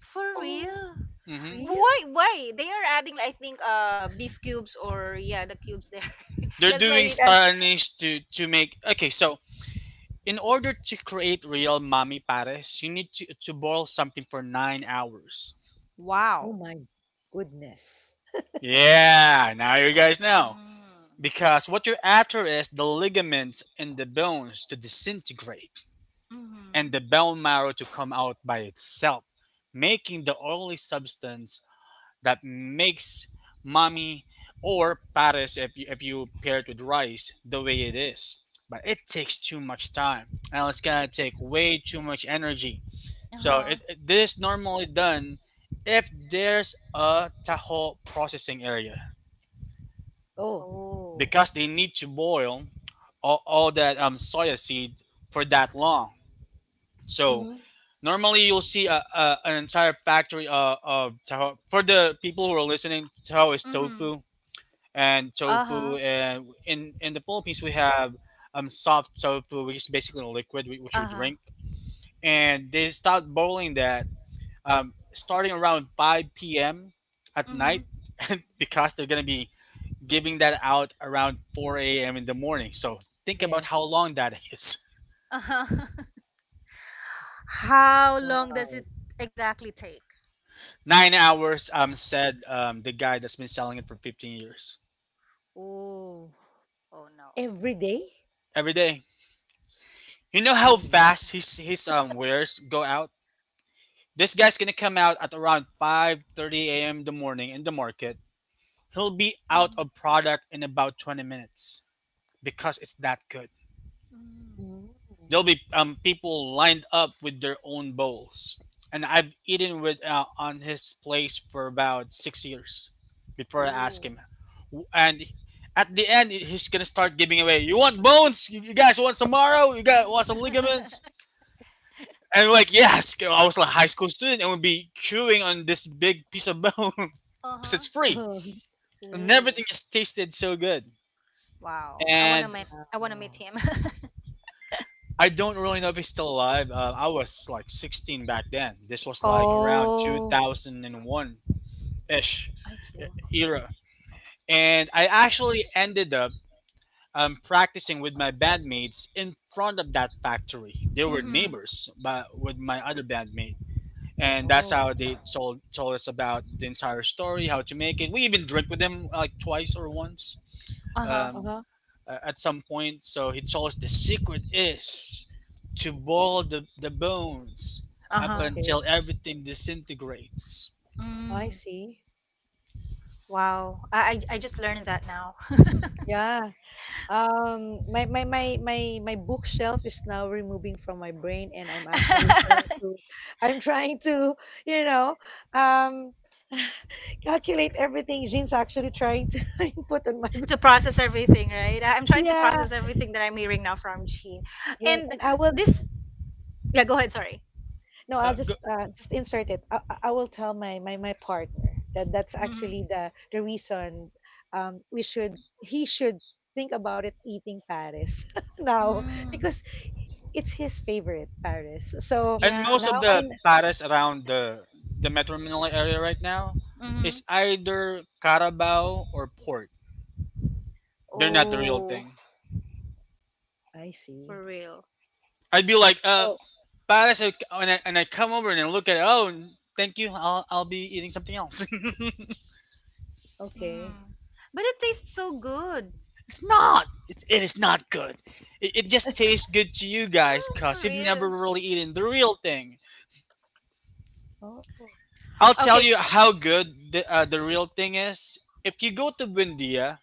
[SPEAKER 1] For
[SPEAKER 2] Oh,
[SPEAKER 1] real?
[SPEAKER 3] Hmm.
[SPEAKER 2] real?
[SPEAKER 1] Why? Why they are adding? I think beef cubes, or yeah, the cubes there.
[SPEAKER 3] They're
[SPEAKER 1] That's
[SPEAKER 3] doing
[SPEAKER 1] why.
[SPEAKER 2] Yeah.
[SPEAKER 3] Spanish to make okay. So in order to create real mami pares, you need to boil something for 9 hours.
[SPEAKER 2] Oh
[SPEAKER 1] Wow.
[SPEAKER 2] my goodness.
[SPEAKER 3] Yeah. Now you guys know.
[SPEAKER 1] Mm.
[SPEAKER 3] Because what you're after is the ligaments and the bones to disintegrate and
[SPEAKER 1] Mhm.
[SPEAKER 3] the bone marrow to come out by itself, making the oily substance that makes mommy or pares if you pair it with rice the way it is. But it takes too much time and it's gonna take way too much energy.
[SPEAKER 1] Uh
[SPEAKER 3] So
[SPEAKER 1] huh.
[SPEAKER 3] this is normally done if there's a taho processing area
[SPEAKER 2] Oh,
[SPEAKER 1] Oh.
[SPEAKER 3] because they need to boil all that soya seed for that long. So
[SPEAKER 2] mm-hmm.
[SPEAKER 3] normally you'll see an entire factory of taho. For the people who are listening, taho is
[SPEAKER 1] Mhm.
[SPEAKER 3] tofu and
[SPEAKER 1] Uh
[SPEAKER 3] tofu,
[SPEAKER 1] huh.
[SPEAKER 3] and in the Philippines we have soft tofu, which is basically a liquid we- which we
[SPEAKER 1] Uh huh.
[SPEAKER 3] drink, and they start boiling that starting around 5 p.m. at night
[SPEAKER 1] Mhm.
[SPEAKER 3] because they're gonna be giving that out around 4 a.m. in the morning. So think about how
[SPEAKER 2] Yes.
[SPEAKER 3] long that is.
[SPEAKER 1] Uh huh. How long does
[SPEAKER 2] Wow.
[SPEAKER 1] it exactly take?
[SPEAKER 3] 9 hours, said the guy that's been selling it for 15 years.
[SPEAKER 1] Oh. Oh no,
[SPEAKER 2] Every day?
[SPEAKER 3] Every day. You know how
[SPEAKER 2] Oh
[SPEAKER 1] that's so
[SPEAKER 2] no.
[SPEAKER 3] fast
[SPEAKER 1] tough.
[SPEAKER 3] his wares go out? This guy's going to come out at around 5:30 a.m. in the morning in the market. He'll be out
[SPEAKER 1] Mhm.
[SPEAKER 3] of product in about 20 minutes because it's that good.
[SPEAKER 1] Mhm.
[SPEAKER 2] Mm.
[SPEAKER 3] There'll be people lined up with their own bowls, and I've eaten with on his place for about 6 years before I ask
[SPEAKER 1] Ooh.
[SPEAKER 3] him. And at the end, he's gonna start giving away. You want bones? You guys want some marrow? You guys want some ligaments? And we're like, yes. I was like a high school student, and would be chewing on this big piece of bone because
[SPEAKER 1] Uh-huh.
[SPEAKER 3] it's free, and
[SPEAKER 1] Ooh.
[SPEAKER 3] everything just tasted so good.
[SPEAKER 1] Wow. I wanna
[SPEAKER 3] And
[SPEAKER 1] meet I wanna meet
[SPEAKER 2] Oh.
[SPEAKER 1] him.
[SPEAKER 3] I don't really know if he's still alive. I was like 16 back then. This was like around
[SPEAKER 1] Oh,
[SPEAKER 3] 2001 ish
[SPEAKER 1] I see.
[SPEAKER 3] era. And I actually ended up practicing with my bandmates in front of that factory. They were
[SPEAKER 1] Mm-hmm.
[SPEAKER 3] neighbors but with my other bandmate. And that's
[SPEAKER 2] Oh.
[SPEAKER 3] how they told us about the entire story, how to make it. We even drank with them like twice or once.
[SPEAKER 1] Uh-huh.
[SPEAKER 3] Um,
[SPEAKER 2] Uh-huh.
[SPEAKER 3] at some point. So he chose the secret is to boil the bones up
[SPEAKER 1] Uh-huh.
[SPEAKER 2] Okay.
[SPEAKER 3] until everything disintegrates.
[SPEAKER 2] I
[SPEAKER 1] Mm.
[SPEAKER 2] see.
[SPEAKER 1] Wow. I just learned that now.
[SPEAKER 2] Yeah. My bookshelf is now removing from my brain, and I'm actually trying to, I'm trying to, you know, um, calculate everything. Jean's actually trying to input on my brain.
[SPEAKER 1] To process everything, right? I'm trying to
[SPEAKER 2] Yeah,
[SPEAKER 1] process everything that I'm hearing now from Jean.
[SPEAKER 2] yeah,
[SPEAKER 1] And
[SPEAKER 2] and I will.
[SPEAKER 1] this yeah, go ahead, sorry.
[SPEAKER 2] No, I'll
[SPEAKER 3] Go,
[SPEAKER 2] just insert it. I will tell my partner that that's actually
[SPEAKER 1] Mm-hmm.
[SPEAKER 2] the reason. We should, he should think about it eating Paris now,
[SPEAKER 1] Mm.
[SPEAKER 2] because it's his favorite, Paris. So
[SPEAKER 3] and
[SPEAKER 1] Yeah.
[SPEAKER 3] most
[SPEAKER 2] now
[SPEAKER 3] of
[SPEAKER 2] I
[SPEAKER 3] the
[SPEAKER 2] kn
[SPEAKER 3] pares around the Metro Manila area right now
[SPEAKER 1] Mm-hmm.
[SPEAKER 3] is either Carabao or port. They're
[SPEAKER 2] oh,
[SPEAKER 3] not the real
[SPEAKER 1] Oh,
[SPEAKER 3] thing.
[SPEAKER 2] I see.
[SPEAKER 1] for real.
[SPEAKER 3] I'd be like,
[SPEAKER 2] So,
[SPEAKER 3] pares, and I come over and I look at it, oh, thank you, I'll be eating something else.
[SPEAKER 2] okay.
[SPEAKER 1] Mm. But it tastes so good.
[SPEAKER 3] It's not. It is not good. It just tastes good to you guys,
[SPEAKER 1] Oh, for
[SPEAKER 3] cause you've never
[SPEAKER 1] real.
[SPEAKER 3] really eaten the real thing.
[SPEAKER 2] Oh,
[SPEAKER 3] I'll tell
[SPEAKER 1] Okay.
[SPEAKER 3] you how good the real thing is. If you go to Buendia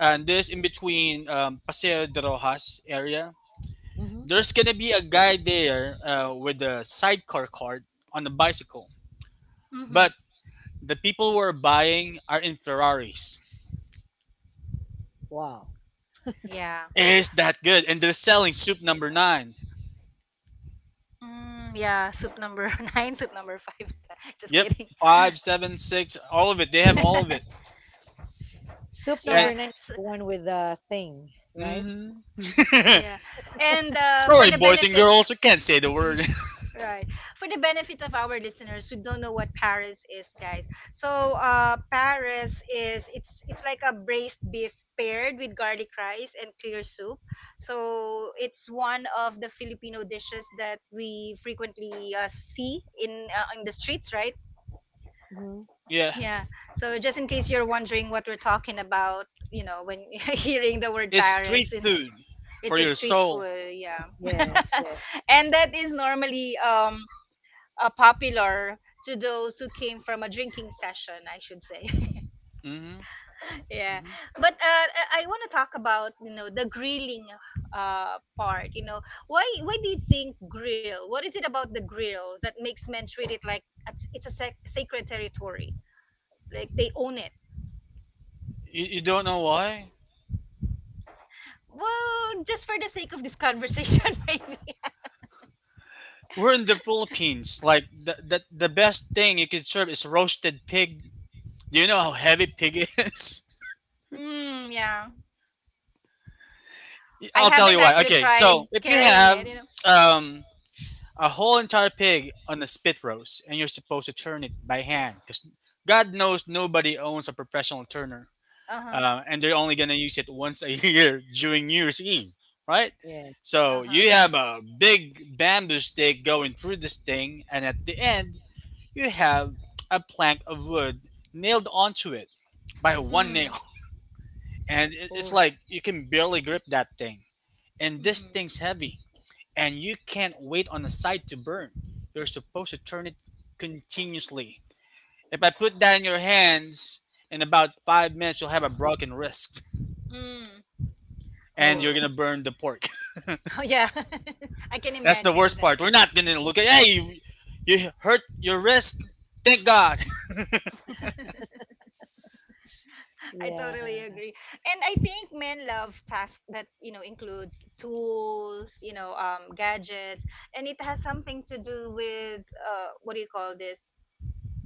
[SPEAKER 3] and this in between Paseo de Rojas area,
[SPEAKER 2] mhm.
[SPEAKER 3] there's gonna be a guy there with a sidecar cart on a bicycle.
[SPEAKER 1] Mm-hmm.
[SPEAKER 3] But the people who are buying are in Ferraris.
[SPEAKER 2] Wow.
[SPEAKER 1] Yeah.
[SPEAKER 3] Is that good? And they're selling soup number nine.
[SPEAKER 1] Mm, yeah. Soup number nine, soup number five, like that. Just
[SPEAKER 3] Yep,
[SPEAKER 1] kidding.
[SPEAKER 3] five, seven, six, all of it. They have all of it.
[SPEAKER 2] Soup
[SPEAKER 3] And
[SPEAKER 1] Yeah.
[SPEAKER 2] number nine is
[SPEAKER 1] s-
[SPEAKER 2] the one with the thing, right?
[SPEAKER 3] mm-hmm.
[SPEAKER 1] yeah. And for
[SPEAKER 3] Sorry,
[SPEAKER 1] the
[SPEAKER 3] boys and
[SPEAKER 1] benefit
[SPEAKER 3] girls, I can't say the word.
[SPEAKER 1] Right. For the benefit of our listeners who don't know what Paris is, guys. So, Paris is it's like a braised beef paired with garlic rice and clear soup. So, it's one of the Filipino dishes that we frequently see in the streets, right?
[SPEAKER 2] Mhm.
[SPEAKER 3] Yeah,
[SPEAKER 1] Yeah. So, just in case you're wondering what we're talking about, when hearing the word
[SPEAKER 3] it's
[SPEAKER 1] Paris,
[SPEAKER 3] street food for
[SPEAKER 1] it's a
[SPEAKER 3] your
[SPEAKER 1] street
[SPEAKER 3] soul.
[SPEAKER 1] food, yeah.
[SPEAKER 2] Yes, yes,
[SPEAKER 1] And that is normally popular to those who came from a drinking session, I should say.
[SPEAKER 3] Mm-hmm.
[SPEAKER 1] Yeah,
[SPEAKER 3] Hmm.
[SPEAKER 1] but I want to talk about the grilling part. Why do you think grill? What is it about the grill that makes men treat it like it's a sacred territory, like they own it?
[SPEAKER 3] You don't know why?
[SPEAKER 1] Well, just for the sake of this conversation, maybe.
[SPEAKER 3] We're in the Philippines. Like the best thing you can serve is roasted pig. Do you know how heavy pig is?
[SPEAKER 1] Mm, yeah. I
[SPEAKER 3] I'll tell
[SPEAKER 1] haven't
[SPEAKER 3] you why.
[SPEAKER 1] actually
[SPEAKER 3] Okay, so
[SPEAKER 1] tried
[SPEAKER 3] if you
[SPEAKER 1] carrying
[SPEAKER 3] have
[SPEAKER 1] it.
[SPEAKER 3] um, a whole entire pig on a spit roast and you're supposed to turn it by hand, because God knows nobody owns a professional turner.
[SPEAKER 1] Uh huh.
[SPEAKER 3] And they're only gonna use it once a year during New Year's Eve, right?
[SPEAKER 2] yes.
[SPEAKER 3] So
[SPEAKER 1] Uh
[SPEAKER 3] you
[SPEAKER 1] huh.
[SPEAKER 3] have a big bamboo stick going through this thing, and at the end you have a plank of wood nailed onto it by one nail,
[SPEAKER 1] Mm.
[SPEAKER 3] and it's
[SPEAKER 1] Oh.
[SPEAKER 3] like you can barely grip that thing, and this thing's
[SPEAKER 1] Mm.
[SPEAKER 3] heavy, and you can't wait on the side to burn. You're supposed to turn it continuously. If I put that in your hands, in about 5 minutes you'll have a broken wrist.
[SPEAKER 1] Mm.
[SPEAKER 3] And you're
[SPEAKER 2] Oh,
[SPEAKER 1] Oh.
[SPEAKER 3] gonna burn the pork.
[SPEAKER 1] Oh yeah, I can
[SPEAKER 3] That's the worst
[SPEAKER 1] imagine that.
[SPEAKER 3] part. We're not gonna look at hey you, you hurt your wrist. Thank God.
[SPEAKER 1] I
[SPEAKER 2] yeah.
[SPEAKER 1] totally agree. And I think men love tasks that, you know, includes tools, you know, gadgets, and it has something to do with what do you call this?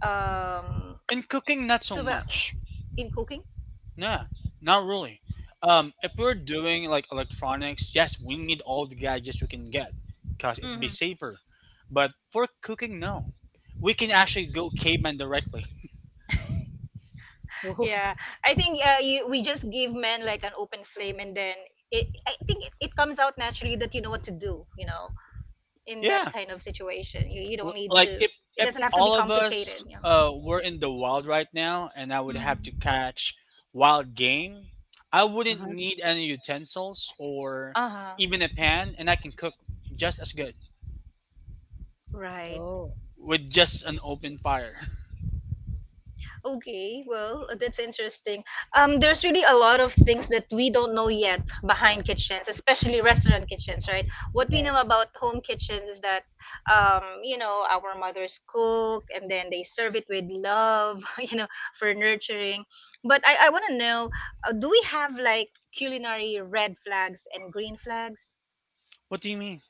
[SPEAKER 1] Um,
[SPEAKER 3] In cooking, not so
[SPEAKER 1] so the-
[SPEAKER 3] much.
[SPEAKER 1] in cooking?
[SPEAKER 3] Nah, not really. If we're doing like electronics, yes, we need all the gadgets we can get because it'd be
[SPEAKER 1] hmm
[SPEAKER 3] safer. But for cooking, no, we can actually go caveman directly.
[SPEAKER 2] Oh.
[SPEAKER 1] Yeah, I think we just give men like an open flame, and then I think it comes out naturally that you know what to do, you know, in that
[SPEAKER 3] Yeah,
[SPEAKER 1] kind of situation. You don't need
[SPEAKER 3] Like
[SPEAKER 1] to,
[SPEAKER 3] if
[SPEAKER 1] it doesn't have to
[SPEAKER 3] all
[SPEAKER 1] be
[SPEAKER 3] of us
[SPEAKER 1] complicated, you know.
[SPEAKER 3] were in the wild right now and I would have to
[SPEAKER 1] Hmm.
[SPEAKER 3] catch wild game, I wouldn't
[SPEAKER 2] Uh-huh.
[SPEAKER 3] need any utensils or
[SPEAKER 1] Uh-huh.
[SPEAKER 3] even a pan and I can cook just as good
[SPEAKER 1] Right.
[SPEAKER 2] Oh,
[SPEAKER 3] with just an open fire.
[SPEAKER 1] Okay. Well, that's interesting. There's really a lot of things that we don't know yet behind kitchens, especially restaurant kitchens, right? What we know
[SPEAKER 2] yes.
[SPEAKER 1] about home kitchens is that, you know, our mothers cook and then they serve it with love, you know, for nurturing. But I want to know, do we have like culinary red flags and green flags?
[SPEAKER 3] What do you mean?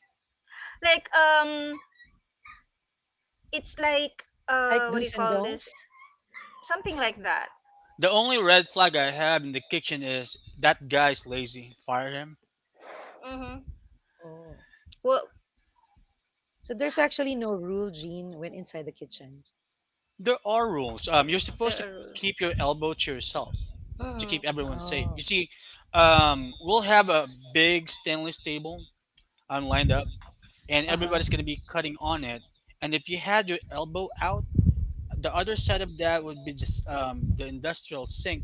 [SPEAKER 1] Like, it's like,
[SPEAKER 2] Like
[SPEAKER 1] what do you
[SPEAKER 2] do's and
[SPEAKER 1] call this?
[SPEAKER 2] don'ts.
[SPEAKER 1] Something like that.
[SPEAKER 3] The only red flag I have in the kitchen is that guy's lazy. Fire him.
[SPEAKER 1] Mm-hmm.
[SPEAKER 2] Oh,
[SPEAKER 1] Well,
[SPEAKER 2] so there's actually no rule, Jean, when inside the kitchen.
[SPEAKER 3] There are rules. You're supposed
[SPEAKER 1] there
[SPEAKER 3] to
[SPEAKER 1] are rules.
[SPEAKER 3] keep your elbow to yourself to
[SPEAKER 1] Mm,
[SPEAKER 3] keep everyone safe. You
[SPEAKER 2] Oh.
[SPEAKER 3] see, we'll have a big stainless table lined up and
[SPEAKER 2] Uh-huh.
[SPEAKER 3] everybody's going to be cutting on it. And if you had your elbow out, the other side of that would be just the industrial sink,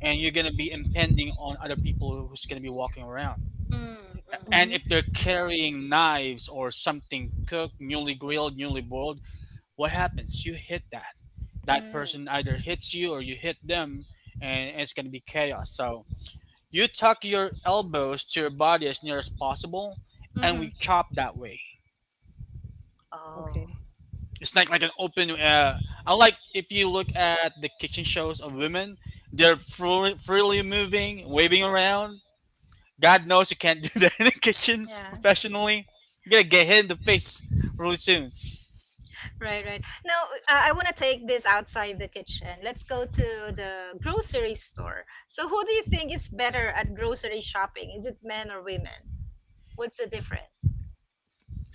[SPEAKER 3] and you're going to be impending on other people who's going to be walking around.
[SPEAKER 1] mm,
[SPEAKER 3] And
[SPEAKER 2] Mm-hmm.
[SPEAKER 3] if they're carrying knives or something cooked, newly grilled, newly boiled, what happens? You hit that.
[SPEAKER 1] mm,
[SPEAKER 3] That person
[SPEAKER 1] mm,
[SPEAKER 3] either hits you or you hit them, and it's going to be chaos. So you tuck your elbows to your body as near as possible, and we
[SPEAKER 1] hmm.
[SPEAKER 3] chop that way.
[SPEAKER 1] Oh,
[SPEAKER 2] Okay.
[SPEAKER 3] It's like an open. I like if you look at the kitchen shows of women, they're freely, freely moving, waving around. God knows you can't do that in the kitchen
[SPEAKER 1] yeah,
[SPEAKER 3] professionally. You're gonna get hit in the face really soon.
[SPEAKER 1] right, right. Now, I want to take this outside the kitchen. Let's go to the grocery store. So, who do you think is better at grocery shopping? Is it men or women? What's the difference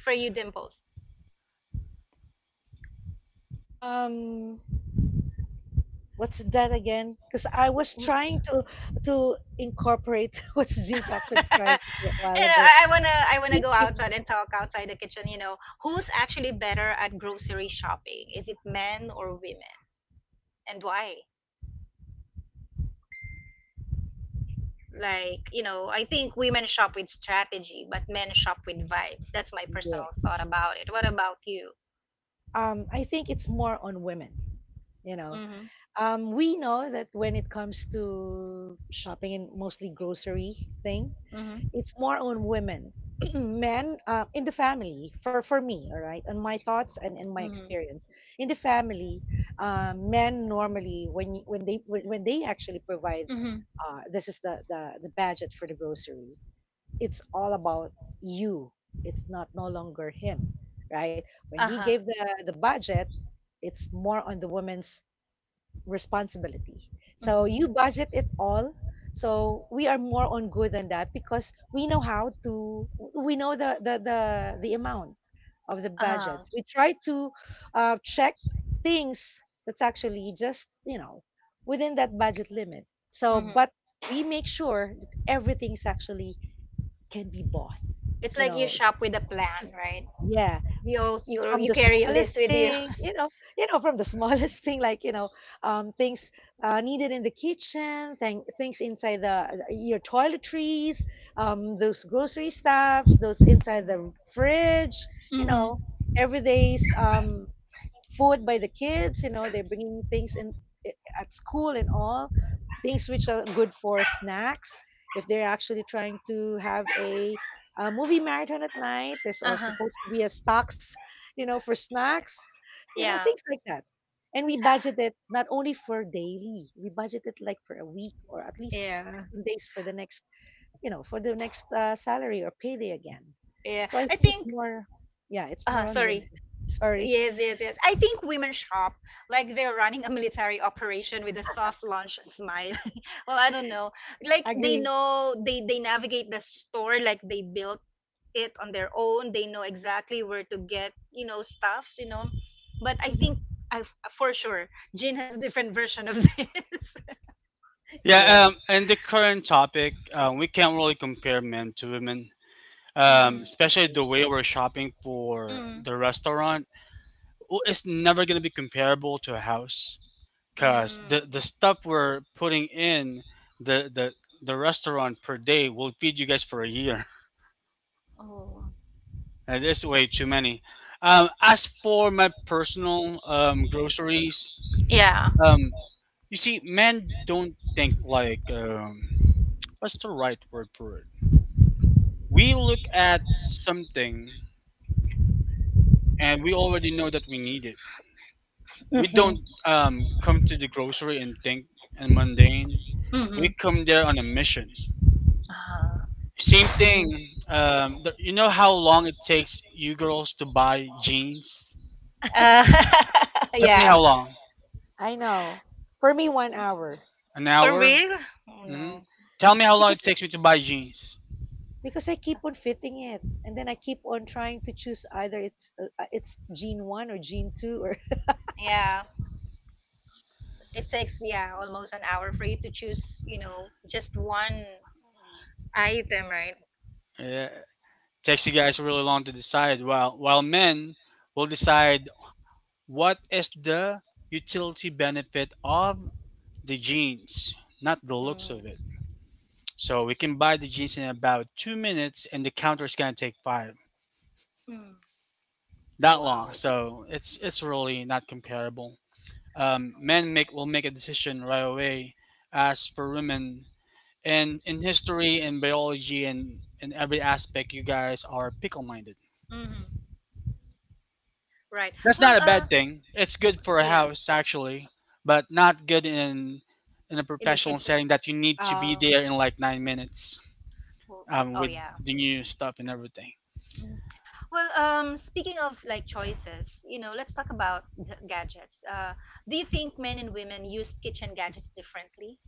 [SPEAKER 1] for you, Dimples?
[SPEAKER 2] Um, what's that again? Because I was
[SPEAKER 1] You
[SPEAKER 2] trying to incorporate what Jean's actually trying to say a while
[SPEAKER 1] know,
[SPEAKER 2] ago.
[SPEAKER 1] I wanna go
[SPEAKER 2] Thinking,
[SPEAKER 1] outside and talk outside the kitchen. You know, who's actually better at grocery shopping? Is it men or women, and why? Like, you know, I think women shop with strategy, but men shop with vibes. That's my personal
[SPEAKER 2] yeah,
[SPEAKER 1] thought about it. What about you?
[SPEAKER 2] um, I think it's more on women, you know,
[SPEAKER 1] Mhm.
[SPEAKER 2] um, we know that when it comes to shopping and mostly grocery thing,
[SPEAKER 1] Mhm.
[SPEAKER 2] it's more on women. Men, in the family, for me all right, on my thoughts and in my
[SPEAKER 1] Mhm.
[SPEAKER 2] experience in the family, men normally when when they, when they actually provide,
[SPEAKER 1] Mhm.
[SPEAKER 2] this is the budget for the grocery, it's all about you. It's not no longer him, right? When he
[SPEAKER 1] Uh-huh.
[SPEAKER 2] gave the budget, it's more on the woman's responsibility. So
[SPEAKER 1] Mhm.
[SPEAKER 2] you budget it all. So we are more on good than that because we know how to, we know the amount of the budget.
[SPEAKER 1] Uh-huh.
[SPEAKER 2] We try to check things that's actually just, you know, within that budget limit. So
[SPEAKER 1] Mhm.
[SPEAKER 2] but we make sure that everything's actually can be both,
[SPEAKER 1] It's
[SPEAKER 2] you
[SPEAKER 1] like you
[SPEAKER 2] know
[SPEAKER 1] shop with a plan, right?
[SPEAKER 2] yeah,
[SPEAKER 1] You
[SPEAKER 2] s
[SPEAKER 1] als- you
[SPEAKER 2] from the
[SPEAKER 1] you carry a
[SPEAKER 2] smallest
[SPEAKER 1] list with you.
[SPEAKER 2] thing, from the smallest thing, like, things, needed in the kitchen, things inside the your toiletries, those grocery stuffs, those inside the fridge, you
[SPEAKER 1] Mhm.
[SPEAKER 2] know, everyday's, food by the kids. They're bringing things in i- at school and all things which are good for snacks. If they're actually trying to have a movie marathon at night, there's also
[SPEAKER 1] Uh-huh.
[SPEAKER 2] supposed to be a stocks, for snacks,
[SPEAKER 1] Yeah.
[SPEAKER 2] things like that. And we budget it not only for daily, we budget it like for a week or at least
[SPEAKER 1] Yeah.
[SPEAKER 2] 15 days for the next, for the next salary or payday again.
[SPEAKER 1] Yeah.
[SPEAKER 2] So I
[SPEAKER 1] I
[SPEAKER 2] think it's
[SPEAKER 1] think
[SPEAKER 2] more, yeah, it's more on women.
[SPEAKER 1] sorry.
[SPEAKER 2] Sorry,
[SPEAKER 1] Yes, yes, yes. I think women shop like they're running a military operation with a soft launch smile. Well, I don't know. Like
[SPEAKER 2] I
[SPEAKER 1] they
[SPEAKER 2] agree.
[SPEAKER 1] know they navigate the store like they built it on their own. They know exactly where to get, you know, stuffs, you know. But I
[SPEAKER 2] Mhm.
[SPEAKER 1] think I for sure Jin has a different version of this.
[SPEAKER 3] Yeah,
[SPEAKER 2] Yeah.
[SPEAKER 3] and the current topic, we can't really compare men to women,
[SPEAKER 1] Mhm.
[SPEAKER 3] especially the way we're shopping for
[SPEAKER 1] Mm.
[SPEAKER 3] the restaurant. Well, it's never going to be comparable to a house. Cause
[SPEAKER 1] Mm.
[SPEAKER 3] the stuff we're putting in the restaurant per day will feed you guys for a year.
[SPEAKER 1] Oh.
[SPEAKER 3] And there's way too many. As for my personal groceries,
[SPEAKER 1] Yeah.
[SPEAKER 3] um, you see, men don't think like what's the right word for it. We look at something and we already know that we need it. We
[SPEAKER 1] Mhm.
[SPEAKER 3] don't come to the grocery and think and mundane. We
[SPEAKER 1] Mhm.
[SPEAKER 3] come there on a mission.
[SPEAKER 1] Ah.
[SPEAKER 3] Same
[SPEAKER 2] Mhm.
[SPEAKER 3] thing. You know how long it takes you girls to buy jeans?
[SPEAKER 1] Uh,
[SPEAKER 3] Tell me
[SPEAKER 1] yeah.
[SPEAKER 3] how long.
[SPEAKER 2] I know. For me, 1 hour
[SPEAKER 3] An
[SPEAKER 1] For
[SPEAKER 3] hour?
[SPEAKER 1] real? Oh
[SPEAKER 3] Hmm.
[SPEAKER 1] no.
[SPEAKER 3] Tell me how long it
[SPEAKER 2] because I,
[SPEAKER 3] takes me to buy jeans.
[SPEAKER 2] because I keep on fitting it, and then I keep on trying to choose either it's gene one or gene two or
[SPEAKER 1] Yeah, it takes yeah almost an hour for you to choose, you know, just one. Item, right?
[SPEAKER 3] Yeah, takes you guys really long to decide. While men will decide what is the utility benefit of the jeans, not the looks of it.
[SPEAKER 1] Mm.
[SPEAKER 3] So we can buy the jeans in about 2 minutes, and the counter is gonna take five.
[SPEAKER 1] Mm.
[SPEAKER 3] That long.
[SPEAKER 1] Wow.
[SPEAKER 3] So it's really not comparable. Men make will make a decision right away. As for women, and in history and biology and in every aspect, you guys are pickle minded.
[SPEAKER 1] Hmm. Right.
[SPEAKER 3] That's
[SPEAKER 1] Well,
[SPEAKER 3] not a bad thing. It's good for a
[SPEAKER 1] yeah,
[SPEAKER 3] house actually, but not good in a
[SPEAKER 1] in the
[SPEAKER 3] professional
[SPEAKER 1] kitchen.
[SPEAKER 3] setting that you need to be
[SPEAKER 1] Oh,
[SPEAKER 3] there in like 9 minutes
[SPEAKER 1] well, oh
[SPEAKER 3] with
[SPEAKER 1] yeah.
[SPEAKER 3] the new stuff and everything.
[SPEAKER 1] Mm. Well, speaking of like choices, you know, let's talk about the gadgets. Do you think men and women use kitchen gadgets differently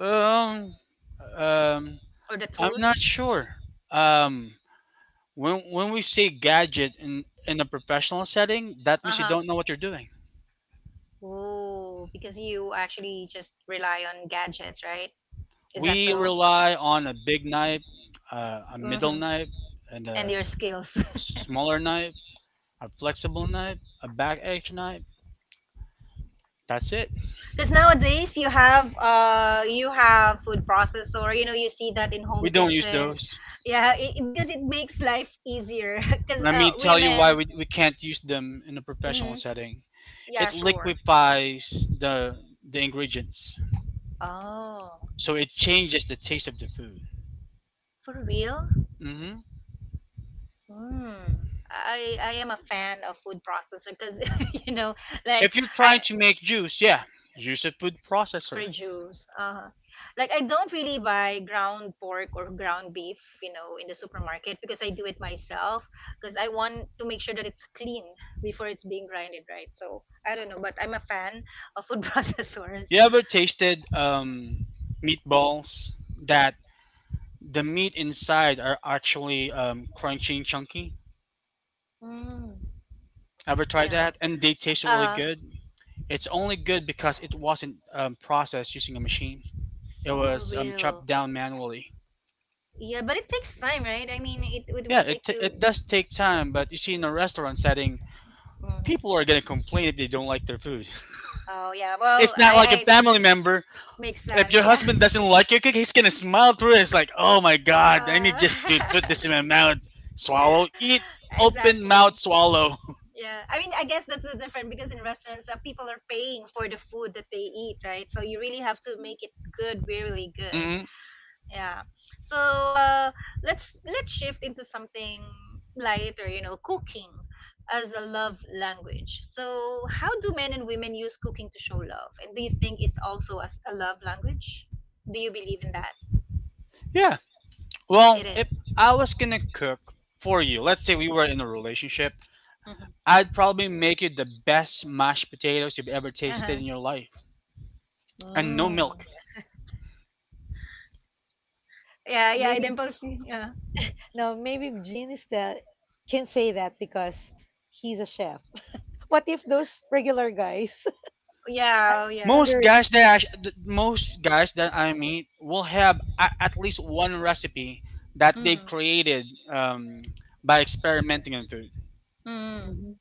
[SPEAKER 3] Um, um,
[SPEAKER 1] or the
[SPEAKER 3] I'm not
[SPEAKER 1] tools?
[SPEAKER 3] sure. Um, when we say gadget in a professional setting, that
[SPEAKER 1] Uh
[SPEAKER 3] means you don't know
[SPEAKER 1] huh.
[SPEAKER 3] what you're doing.
[SPEAKER 1] Oh, because you actually just rely on gadgets, right? Is that
[SPEAKER 3] We
[SPEAKER 1] so?
[SPEAKER 3] rely on a big knife, a middle
[SPEAKER 1] Hmm.
[SPEAKER 3] knife, and
[SPEAKER 1] And
[SPEAKER 3] a
[SPEAKER 1] your skills.
[SPEAKER 3] smaller knife, a flexible knife, a back edge knife. That's it.
[SPEAKER 1] Because nowadays you have food processor. You know you see that in
[SPEAKER 3] We
[SPEAKER 1] home
[SPEAKER 3] don't use
[SPEAKER 1] kitchens,
[SPEAKER 3] those.
[SPEAKER 1] yeah. Because it makes life easier. Because
[SPEAKER 3] Let me tell you why
[SPEAKER 1] women.
[SPEAKER 3] we can't use them in a professional
[SPEAKER 1] Hmm.
[SPEAKER 3] setting.
[SPEAKER 1] Yeah,
[SPEAKER 3] It
[SPEAKER 1] sure.
[SPEAKER 3] liquefies the ingredients,
[SPEAKER 1] Oh,
[SPEAKER 3] so it changes the taste of the food.
[SPEAKER 1] for real?
[SPEAKER 3] Hmm.
[SPEAKER 1] Hmm. I am a fan of food processor because you know like
[SPEAKER 3] If you're
[SPEAKER 1] I
[SPEAKER 3] trying to make juice, yeah, use a food
[SPEAKER 1] for
[SPEAKER 3] processor.
[SPEAKER 1] juice. Uh-huh. Like I don't really buy ground pork or ground beef, you know, in the supermarket because I do it myself because I want to make sure that it's clean before it's being grinded, right? So I don't know, but I'm a fan of food processors.
[SPEAKER 3] You ever tasted meatballs that the meat inside are actually crunchy and chunky.
[SPEAKER 1] Mm,
[SPEAKER 3] Ever tried
[SPEAKER 1] yeah.
[SPEAKER 3] that? And they taste really
[SPEAKER 1] Uh,
[SPEAKER 3] good. It's only good because it wasn't processed using a machine. It
[SPEAKER 1] for
[SPEAKER 3] was
[SPEAKER 1] real.
[SPEAKER 3] chopped down manually.
[SPEAKER 1] Yeah, but it takes time, right? I mean, it will
[SPEAKER 3] Yeah, it,
[SPEAKER 1] take
[SPEAKER 3] t-
[SPEAKER 1] you.
[SPEAKER 3] it does take time, but you see, in a restaurant setting,
[SPEAKER 1] Mhm.
[SPEAKER 3] people are gonna complain if they don't like their food.
[SPEAKER 1] Oh yeah. Well,
[SPEAKER 3] It's not like a
[SPEAKER 1] I
[SPEAKER 3] family member.
[SPEAKER 1] makes
[SPEAKER 3] If
[SPEAKER 1] sense.
[SPEAKER 3] your
[SPEAKER 1] Yeah.
[SPEAKER 3] husband doesn't like your cake, he's gonna smile through it. It's like, oh my god, I need
[SPEAKER 1] Uh,
[SPEAKER 3] just to put this in my mouth, swallow, eat, open mouth,
[SPEAKER 1] exactly.
[SPEAKER 3] swallow.
[SPEAKER 1] Yeah, I mean, I guess that's the difference because in restaurants, people are paying for the food that they eat, right? So you really have to make it good, really good.
[SPEAKER 3] hmm.
[SPEAKER 1] Yeah. So let's shift into something lighter, you know, cooking as a love language. So how do men and women use cooking to show love? And do you think it's also as a love language? Do you believe in that?
[SPEAKER 3] Yeah.
[SPEAKER 1] It
[SPEAKER 3] Well, if
[SPEAKER 1] is.
[SPEAKER 3] I was gonna cook for you, let's say we were in a relationship,
[SPEAKER 1] Mm-hmm.
[SPEAKER 3] I'd probably make you the best mashed potatoes you've ever tasted
[SPEAKER 1] Uh-huh.
[SPEAKER 3] in your life, and no
[SPEAKER 1] Mm.
[SPEAKER 3] milk.
[SPEAKER 1] Yeah, yeah,
[SPEAKER 2] maybe,
[SPEAKER 1] Dimples. Yeah.
[SPEAKER 2] no, maybe gene is the can say that because he's a chef. What if those regular guys
[SPEAKER 1] Yeah, oh, yeah.
[SPEAKER 2] wondering?
[SPEAKER 3] Most guys that I meet will have a, at least one recipe that they've
[SPEAKER 1] Mm-hmm.
[SPEAKER 3] created by experimenting on food.
[SPEAKER 1] Mm.
[SPEAKER 2] Mhm.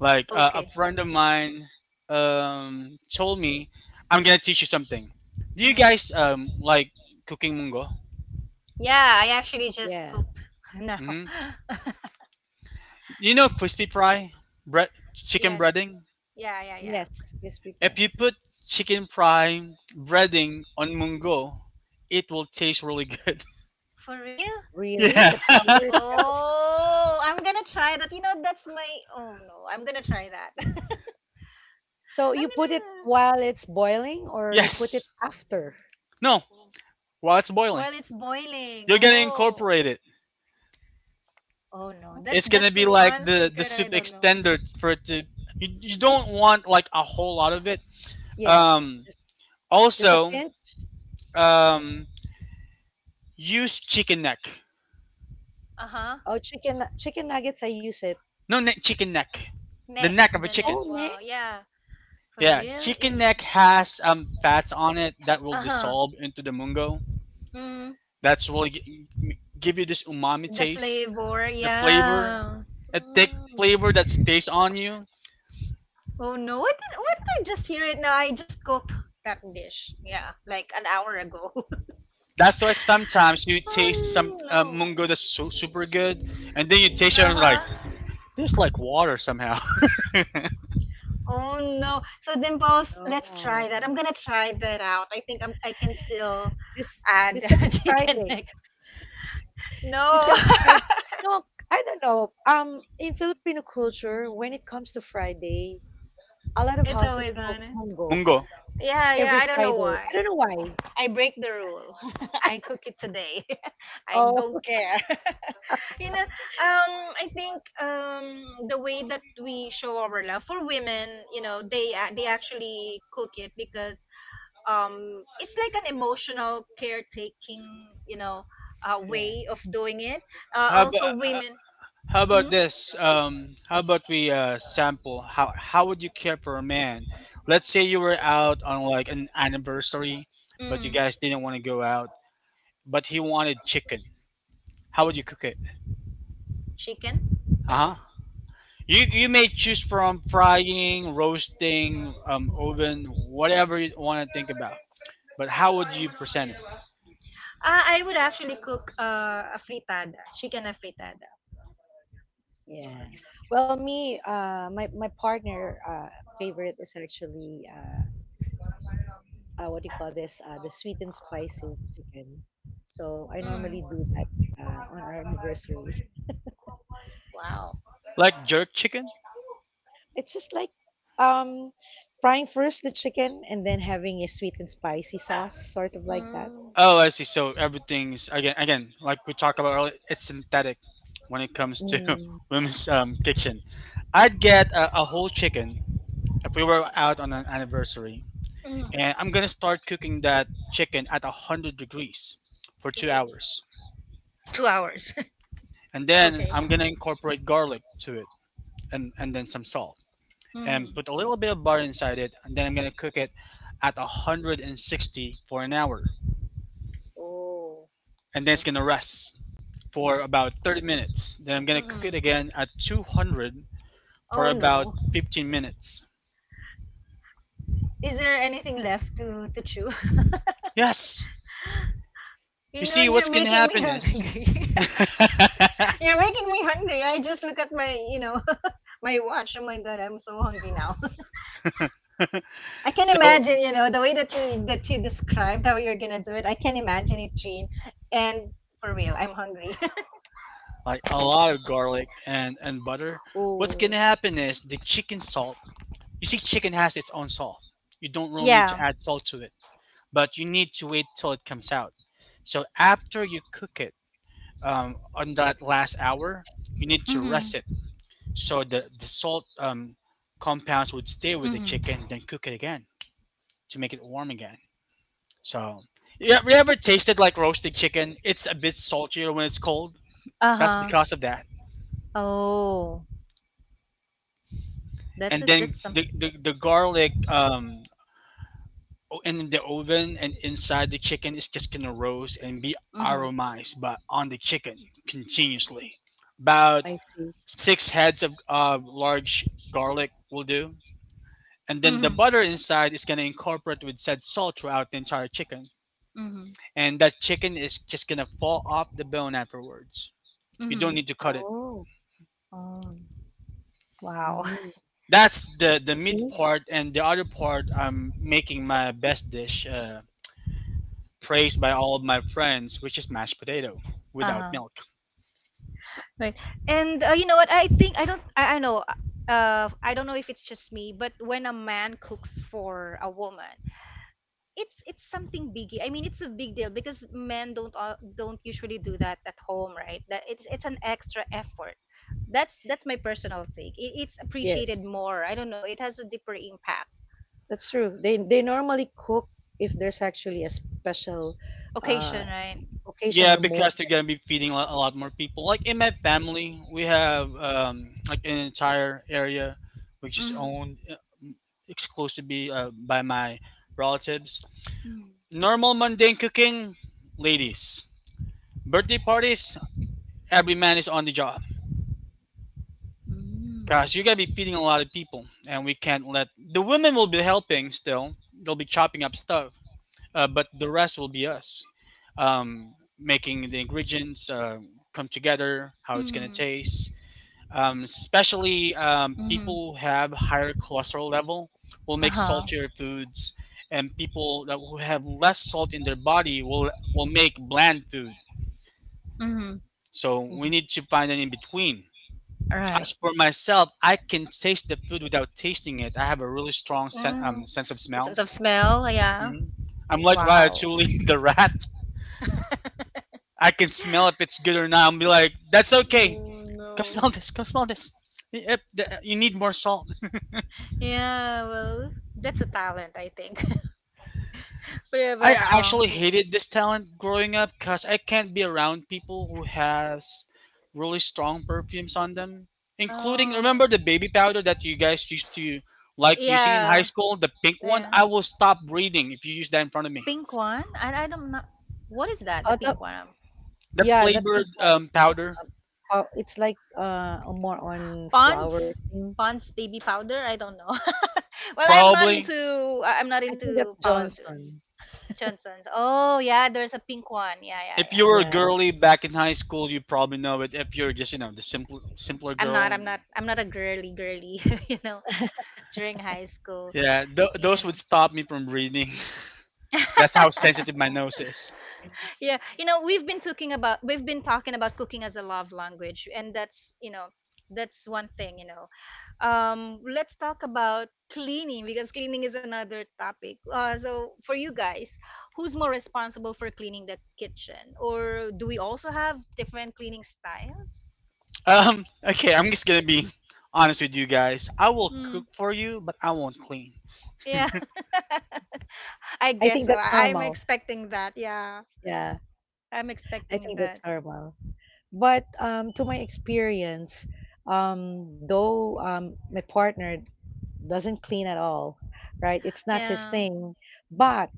[SPEAKER 3] Like a
[SPEAKER 1] Okay.
[SPEAKER 3] friend of mine told me, "I'm gonna teach you something. Do you
[SPEAKER 1] Mm.
[SPEAKER 3] guys like cooking mungo?"
[SPEAKER 1] Yeah, I actually just
[SPEAKER 2] Yeah.
[SPEAKER 1] cooked now.
[SPEAKER 3] Mm-hmm. You know crispy fry, bread, chicken
[SPEAKER 1] Yes.
[SPEAKER 3] breading?
[SPEAKER 1] Yeah, yeah,
[SPEAKER 2] Yes,
[SPEAKER 1] yeah.
[SPEAKER 2] crispy
[SPEAKER 3] If you
[SPEAKER 2] fry.
[SPEAKER 3] put chicken fry breading on mungo, it will taste really good.
[SPEAKER 1] For real?
[SPEAKER 2] Really,
[SPEAKER 3] Yeah.
[SPEAKER 2] the powder itself.
[SPEAKER 1] Oh, I'm gonna try that. You know, that's my. Oh no, I'm gonna try that. I'm
[SPEAKER 2] So you put it
[SPEAKER 1] gonna.
[SPEAKER 2] while it's boiling, or you put it
[SPEAKER 3] Yes.
[SPEAKER 2] after.
[SPEAKER 3] No, while it's boiling.
[SPEAKER 1] While it's boiling.
[SPEAKER 3] You're gonna
[SPEAKER 1] Oh.
[SPEAKER 3] incorporate it.
[SPEAKER 1] Oh no,
[SPEAKER 2] Mhm.
[SPEAKER 1] that's
[SPEAKER 3] It's gonna
[SPEAKER 1] that's
[SPEAKER 3] be like
[SPEAKER 1] one
[SPEAKER 3] the
[SPEAKER 1] secret that I
[SPEAKER 3] soup
[SPEAKER 1] don't know.
[SPEAKER 3] extender for it to you don't want like a whole lot of it.
[SPEAKER 2] Yes,
[SPEAKER 3] Um
[SPEAKER 2] just a
[SPEAKER 3] also
[SPEAKER 2] pinch?
[SPEAKER 3] um use chicken neck.
[SPEAKER 1] Uh huh.
[SPEAKER 2] Oh, chicken nuggets, I use it.
[SPEAKER 3] No neck, chicken neck. The
[SPEAKER 1] Neck,
[SPEAKER 3] neck of a
[SPEAKER 1] the neck.
[SPEAKER 3] chicken.
[SPEAKER 2] Oh,
[SPEAKER 1] Wow.
[SPEAKER 2] neck?
[SPEAKER 1] Yeah. For
[SPEAKER 3] Yeah,
[SPEAKER 1] real?
[SPEAKER 3] chicken neck has fats on it that will
[SPEAKER 1] Uh huh.
[SPEAKER 3] dissolve into the mungo.
[SPEAKER 1] Mm.
[SPEAKER 3] That's really g- m- Give you this umami
[SPEAKER 1] The
[SPEAKER 3] taste,
[SPEAKER 1] flavor.
[SPEAKER 3] the flavor,
[SPEAKER 1] Yeah.
[SPEAKER 3] a thick
[SPEAKER 2] Mm,
[SPEAKER 3] flavor that stays on you.
[SPEAKER 1] Oh no, what did I just hear it now? I just cooked that dish. Yeah, like an hour ago.
[SPEAKER 3] That's why sometimes you taste
[SPEAKER 1] Oh
[SPEAKER 3] some
[SPEAKER 1] no.
[SPEAKER 3] mungo that's super good, and then you taste it and
[SPEAKER 1] Uh-huh.
[SPEAKER 3] like this like water somehow.
[SPEAKER 1] Oh no. So Dimples, let's try
[SPEAKER 2] no.
[SPEAKER 1] that. I'm gonna try that out. I think I can still
[SPEAKER 2] This
[SPEAKER 1] add
[SPEAKER 2] this coming
[SPEAKER 1] chicken
[SPEAKER 2] Friday.
[SPEAKER 1] neck.
[SPEAKER 2] This
[SPEAKER 1] No,
[SPEAKER 2] coming
[SPEAKER 3] Eh,
[SPEAKER 2] Friday. No, I don't know. In Filipino culture, when it comes to Friday, a lot of
[SPEAKER 1] it's
[SPEAKER 2] houses
[SPEAKER 1] always
[SPEAKER 2] cook
[SPEAKER 1] on it.
[SPEAKER 2] munggo
[SPEAKER 3] mungo.
[SPEAKER 1] Yeah, yeah,
[SPEAKER 2] every
[SPEAKER 1] I don't know
[SPEAKER 2] Friday. I
[SPEAKER 1] why.
[SPEAKER 2] don't know why.
[SPEAKER 1] I break the rule. I cook it today. I
[SPEAKER 2] Oh,
[SPEAKER 1] don't care. You know, I think the way that we show our love for women, you know, they actually cook it because it's like an emotional caretaking, you know, way of
[SPEAKER 2] yes.
[SPEAKER 1] doing it.
[SPEAKER 3] How
[SPEAKER 1] Also, women.
[SPEAKER 3] How
[SPEAKER 1] Hmm.
[SPEAKER 3] about this? How about we sample? How would you care for a man? Let's say you were out on like an anniversary, but you
[SPEAKER 1] Hmm.
[SPEAKER 3] guys didn't want to go out, but he wanted chicken. How would you cook it?
[SPEAKER 1] Chicken.
[SPEAKER 3] Uh huh. You may choose from frying, roasting, oven, whatever you want to think about. But how would you present it?
[SPEAKER 1] I would actually cook a fritada, chicken a fritada.
[SPEAKER 2] Yeah. Well, me, my partner, favorite is actually what do you call this? The sweet and spicy chicken. So I normally do that
[SPEAKER 1] Mhm.
[SPEAKER 2] on our anniversary.
[SPEAKER 1] Wow.
[SPEAKER 3] Like jerk chicken?
[SPEAKER 2] It's just like um, frying first the chicken and then having a sweet and spicy sauce, sort of like that.
[SPEAKER 1] Mm,
[SPEAKER 3] Oh, I see. So everything's again like we talked about earlier. It's synthetic when it comes to
[SPEAKER 2] Mm.
[SPEAKER 3] women's kitchen. I'd get a whole chicken if we were out on an anniversary,
[SPEAKER 1] mm,
[SPEAKER 3] and I'm gonna start cooking that chicken at 100 degrees for two
[SPEAKER 1] two,
[SPEAKER 3] hours,
[SPEAKER 1] 2 hours.
[SPEAKER 3] and then
[SPEAKER 1] Okay.
[SPEAKER 3] I'm gonna incorporate garlic to it, and then some salt, and put
[SPEAKER 1] Mm-hmm.
[SPEAKER 3] a little bit of butter inside it, and then I'm gonna cook it at 160 for an hour, and then it's
[SPEAKER 2] Oh,
[SPEAKER 3] gonna rest for about 30 minutes. Then I'm gonna cook it
[SPEAKER 1] Mm-hmm.
[SPEAKER 3] again at 200 for
[SPEAKER 1] Oh
[SPEAKER 3] about
[SPEAKER 1] no.
[SPEAKER 3] 15 minutes.
[SPEAKER 1] Is there anything left to chew?
[SPEAKER 3] Yes, you
[SPEAKER 1] You know,
[SPEAKER 3] see what's
[SPEAKER 1] you're
[SPEAKER 3] gonna
[SPEAKER 1] making me
[SPEAKER 3] happen is
[SPEAKER 1] hungry. You're making me hungry. I just look at my, you know, my watch. Oh my god, I'm so hungry now. I can
[SPEAKER 3] so
[SPEAKER 1] imagine, you know, the way that you described how you're gonna do it. I can imagine it, Jean. And for real, I'm hungry.
[SPEAKER 3] like a lot of garlic and butter. What's
[SPEAKER 1] Oh,
[SPEAKER 3] gonna happen is the chicken salt. You see, chicken has its own salt. You don't really need to
[SPEAKER 1] yeah.
[SPEAKER 3] add salt to it, but you need to wait till it comes out. So after you cook it on that last hour, you need to
[SPEAKER 1] Mm-hmm.
[SPEAKER 3] rest it so the salt compounds would stay with the
[SPEAKER 1] Mm-hmm.
[SPEAKER 3] chicken. Then cook it again to make it warm again. So yeah, we ever tasted like roasted chicken? It's a bit saltier when it's cold.
[SPEAKER 1] Uh
[SPEAKER 3] That's
[SPEAKER 1] huh.
[SPEAKER 3] because of that.
[SPEAKER 1] Oh, that's
[SPEAKER 3] And
[SPEAKER 1] it.
[SPEAKER 3] then
[SPEAKER 1] That's some.
[SPEAKER 3] the garlic in the oven and inside the chicken is just gonna roast and be aromized but on the chicken continuously about
[SPEAKER 2] I see.
[SPEAKER 3] six heads of large garlic will do and then the
[SPEAKER 1] Mm-hmm.
[SPEAKER 3] butter inside is gonna incorporate with said salt throughout the entire chicken
[SPEAKER 1] Mhm.
[SPEAKER 3] and that chicken is just gonna fall off the bone afterwards. You don't
[SPEAKER 1] Mhm.
[SPEAKER 3] need to cut it.
[SPEAKER 2] Oh,
[SPEAKER 1] Oh, wow.
[SPEAKER 2] mm.
[SPEAKER 3] That's the, meat
[SPEAKER 2] See?
[SPEAKER 3] part, and the other part I'm making my best dish praised by all of my friends, which is mashed potato without
[SPEAKER 1] Uh-huh.
[SPEAKER 3] milk.
[SPEAKER 1] Right. And you know what? I don't know if it's just me, but when a man cooks for a woman, it's something biggie. I mean, it's a big deal because men don't usually do that at home, right? That it's an extra effort. That's my personal take. It's
[SPEAKER 2] Yes,
[SPEAKER 1] appreciated more. I don't know. It has a deeper impact.
[SPEAKER 2] that's true. They normally cook if there's actually a special uh,
[SPEAKER 1] Occasion, right?
[SPEAKER 2] occasion
[SPEAKER 3] Yeah,
[SPEAKER 2] or
[SPEAKER 3] because they're
[SPEAKER 2] moment.
[SPEAKER 3] gonna be feeding a lot more people. Like in my family, we have like an entire area which is
[SPEAKER 1] Mhm.
[SPEAKER 3] owned exclusively by my relatives.
[SPEAKER 1] Mhm.
[SPEAKER 3] Normal mundane cooking, ladies. Birthday parties, every man is on the job. Cause you're gonna be feeding a lot of people, and we can't let the women will be helping still. They'll be chopping up stuff, but the rest will be us making the ingredients come together, how
[SPEAKER 1] Mhm.
[SPEAKER 3] it's going to
[SPEAKER 1] Mhm.
[SPEAKER 3] taste. Especially
[SPEAKER 1] Mhm.
[SPEAKER 3] people who have higher cholesterol level will make
[SPEAKER 1] Uh-huh.
[SPEAKER 3] saltier foods, and people that who have less salt in their body will make bland food. So we
[SPEAKER 2] Mhm.
[SPEAKER 3] need to find an in between.
[SPEAKER 1] All right.
[SPEAKER 3] As for myself, I can taste the food without tasting it. I have a really strong
[SPEAKER 1] Mm.
[SPEAKER 3] sense of
[SPEAKER 1] Sense
[SPEAKER 3] smell.
[SPEAKER 1] of smell, yeah.
[SPEAKER 3] Hmm. I'm like
[SPEAKER 1] Wow.
[SPEAKER 3] Ratatouille the rat. I can smell if it's good or not I and be like, that's okay.
[SPEAKER 1] Ooh.
[SPEAKER 3] Come smell this. Come smell this. You need more salt.
[SPEAKER 1] Yeah, well, that's a talent, I think. We have
[SPEAKER 3] I
[SPEAKER 1] a strong
[SPEAKER 3] actually
[SPEAKER 1] smell.
[SPEAKER 3] hated this talent growing up because I can't be around people who has really strong perfumes on them, including
[SPEAKER 1] Oh,
[SPEAKER 3] remember the baby powder that you guys used to like using in high
[SPEAKER 1] yeah,
[SPEAKER 3] school, the pink one.
[SPEAKER 1] yeah.
[SPEAKER 3] I will stop breathing if you use that in front of me.
[SPEAKER 1] Pink one? I don't know. What is that? The
[SPEAKER 2] Oh,
[SPEAKER 1] pink one?
[SPEAKER 3] That
[SPEAKER 2] yeah, the
[SPEAKER 3] flavored
[SPEAKER 2] pink one.
[SPEAKER 3] powder,
[SPEAKER 2] Oh, it's like a more on flower
[SPEAKER 1] Pond's?
[SPEAKER 2] thing.
[SPEAKER 1] Pond's baby powder? I don't know. Well,
[SPEAKER 2] I,
[SPEAKER 3] probably.
[SPEAKER 1] I'm not
[SPEAKER 2] I think that's
[SPEAKER 1] into powder.
[SPEAKER 2] Johnson.
[SPEAKER 1] Johnson's. Oh yeah, there's a pink one. Yeah, yeah,
[SPEAKER 3] If you were a
[SPEAKER 1] yeah.
[SPEAKER 2] Yeah.
[SPEAKER 3] girly back in high school, you probably know it. If you're just, you know, the simpler
[SPEAKER 1] I'm not.
[SPEAKER 3] girl,
[SPEAKER 1] I'm not. I'm not a girly girly. You know, during high school.
[SPEAKER 3] yeah,
[SPEAKER 1] Yeah,
[SPEAKER 3] those
[SPEAKER 1] no.
[SPEAKER 3] would stop me from breathing. That's how sensitive my nose is.
[SPEAKER 1] Yeah, you know, we've been talking about cooking as a love language, and that's you know that's one thing you know. Let's talk about cleaning because cleaning is another topic. So for you guys, who's more responsible for cleaning the kitchen, or do we also have different cleaning styles?
[SPEAKER 3] Okay, I'm just gonna be honest with you guys. I will
[SPEAKER 1] Hmm.
[SPEAKER 3] cook for you, but I won't clean.
[SPEAKER 1] Yeah, I
[SPEAKER 2] I
[SPEAKER 1] guess
[SPEAKER 2] think
[SPEAKER 1] so.
[SPEAKER 2] that's
[SPEAKER 1] I'm
[SPEAKER 2] normal.
[SPEAKER 1] expecting that. Yeah,
[SPEAKER 2] Yeah.
[SPEAKER 1] I'm
[SPEAKER 2] I
[SPEAKER 1] expecting
[SPEAKER 2] think that's
[SPEAKER 1] that.
[SPEAKER 2] normal. But to my experience, though my partner doesn't clean at all, right? It's not his
[SPEAKER 1] Yeah.
[SPEAKER 2] thing. But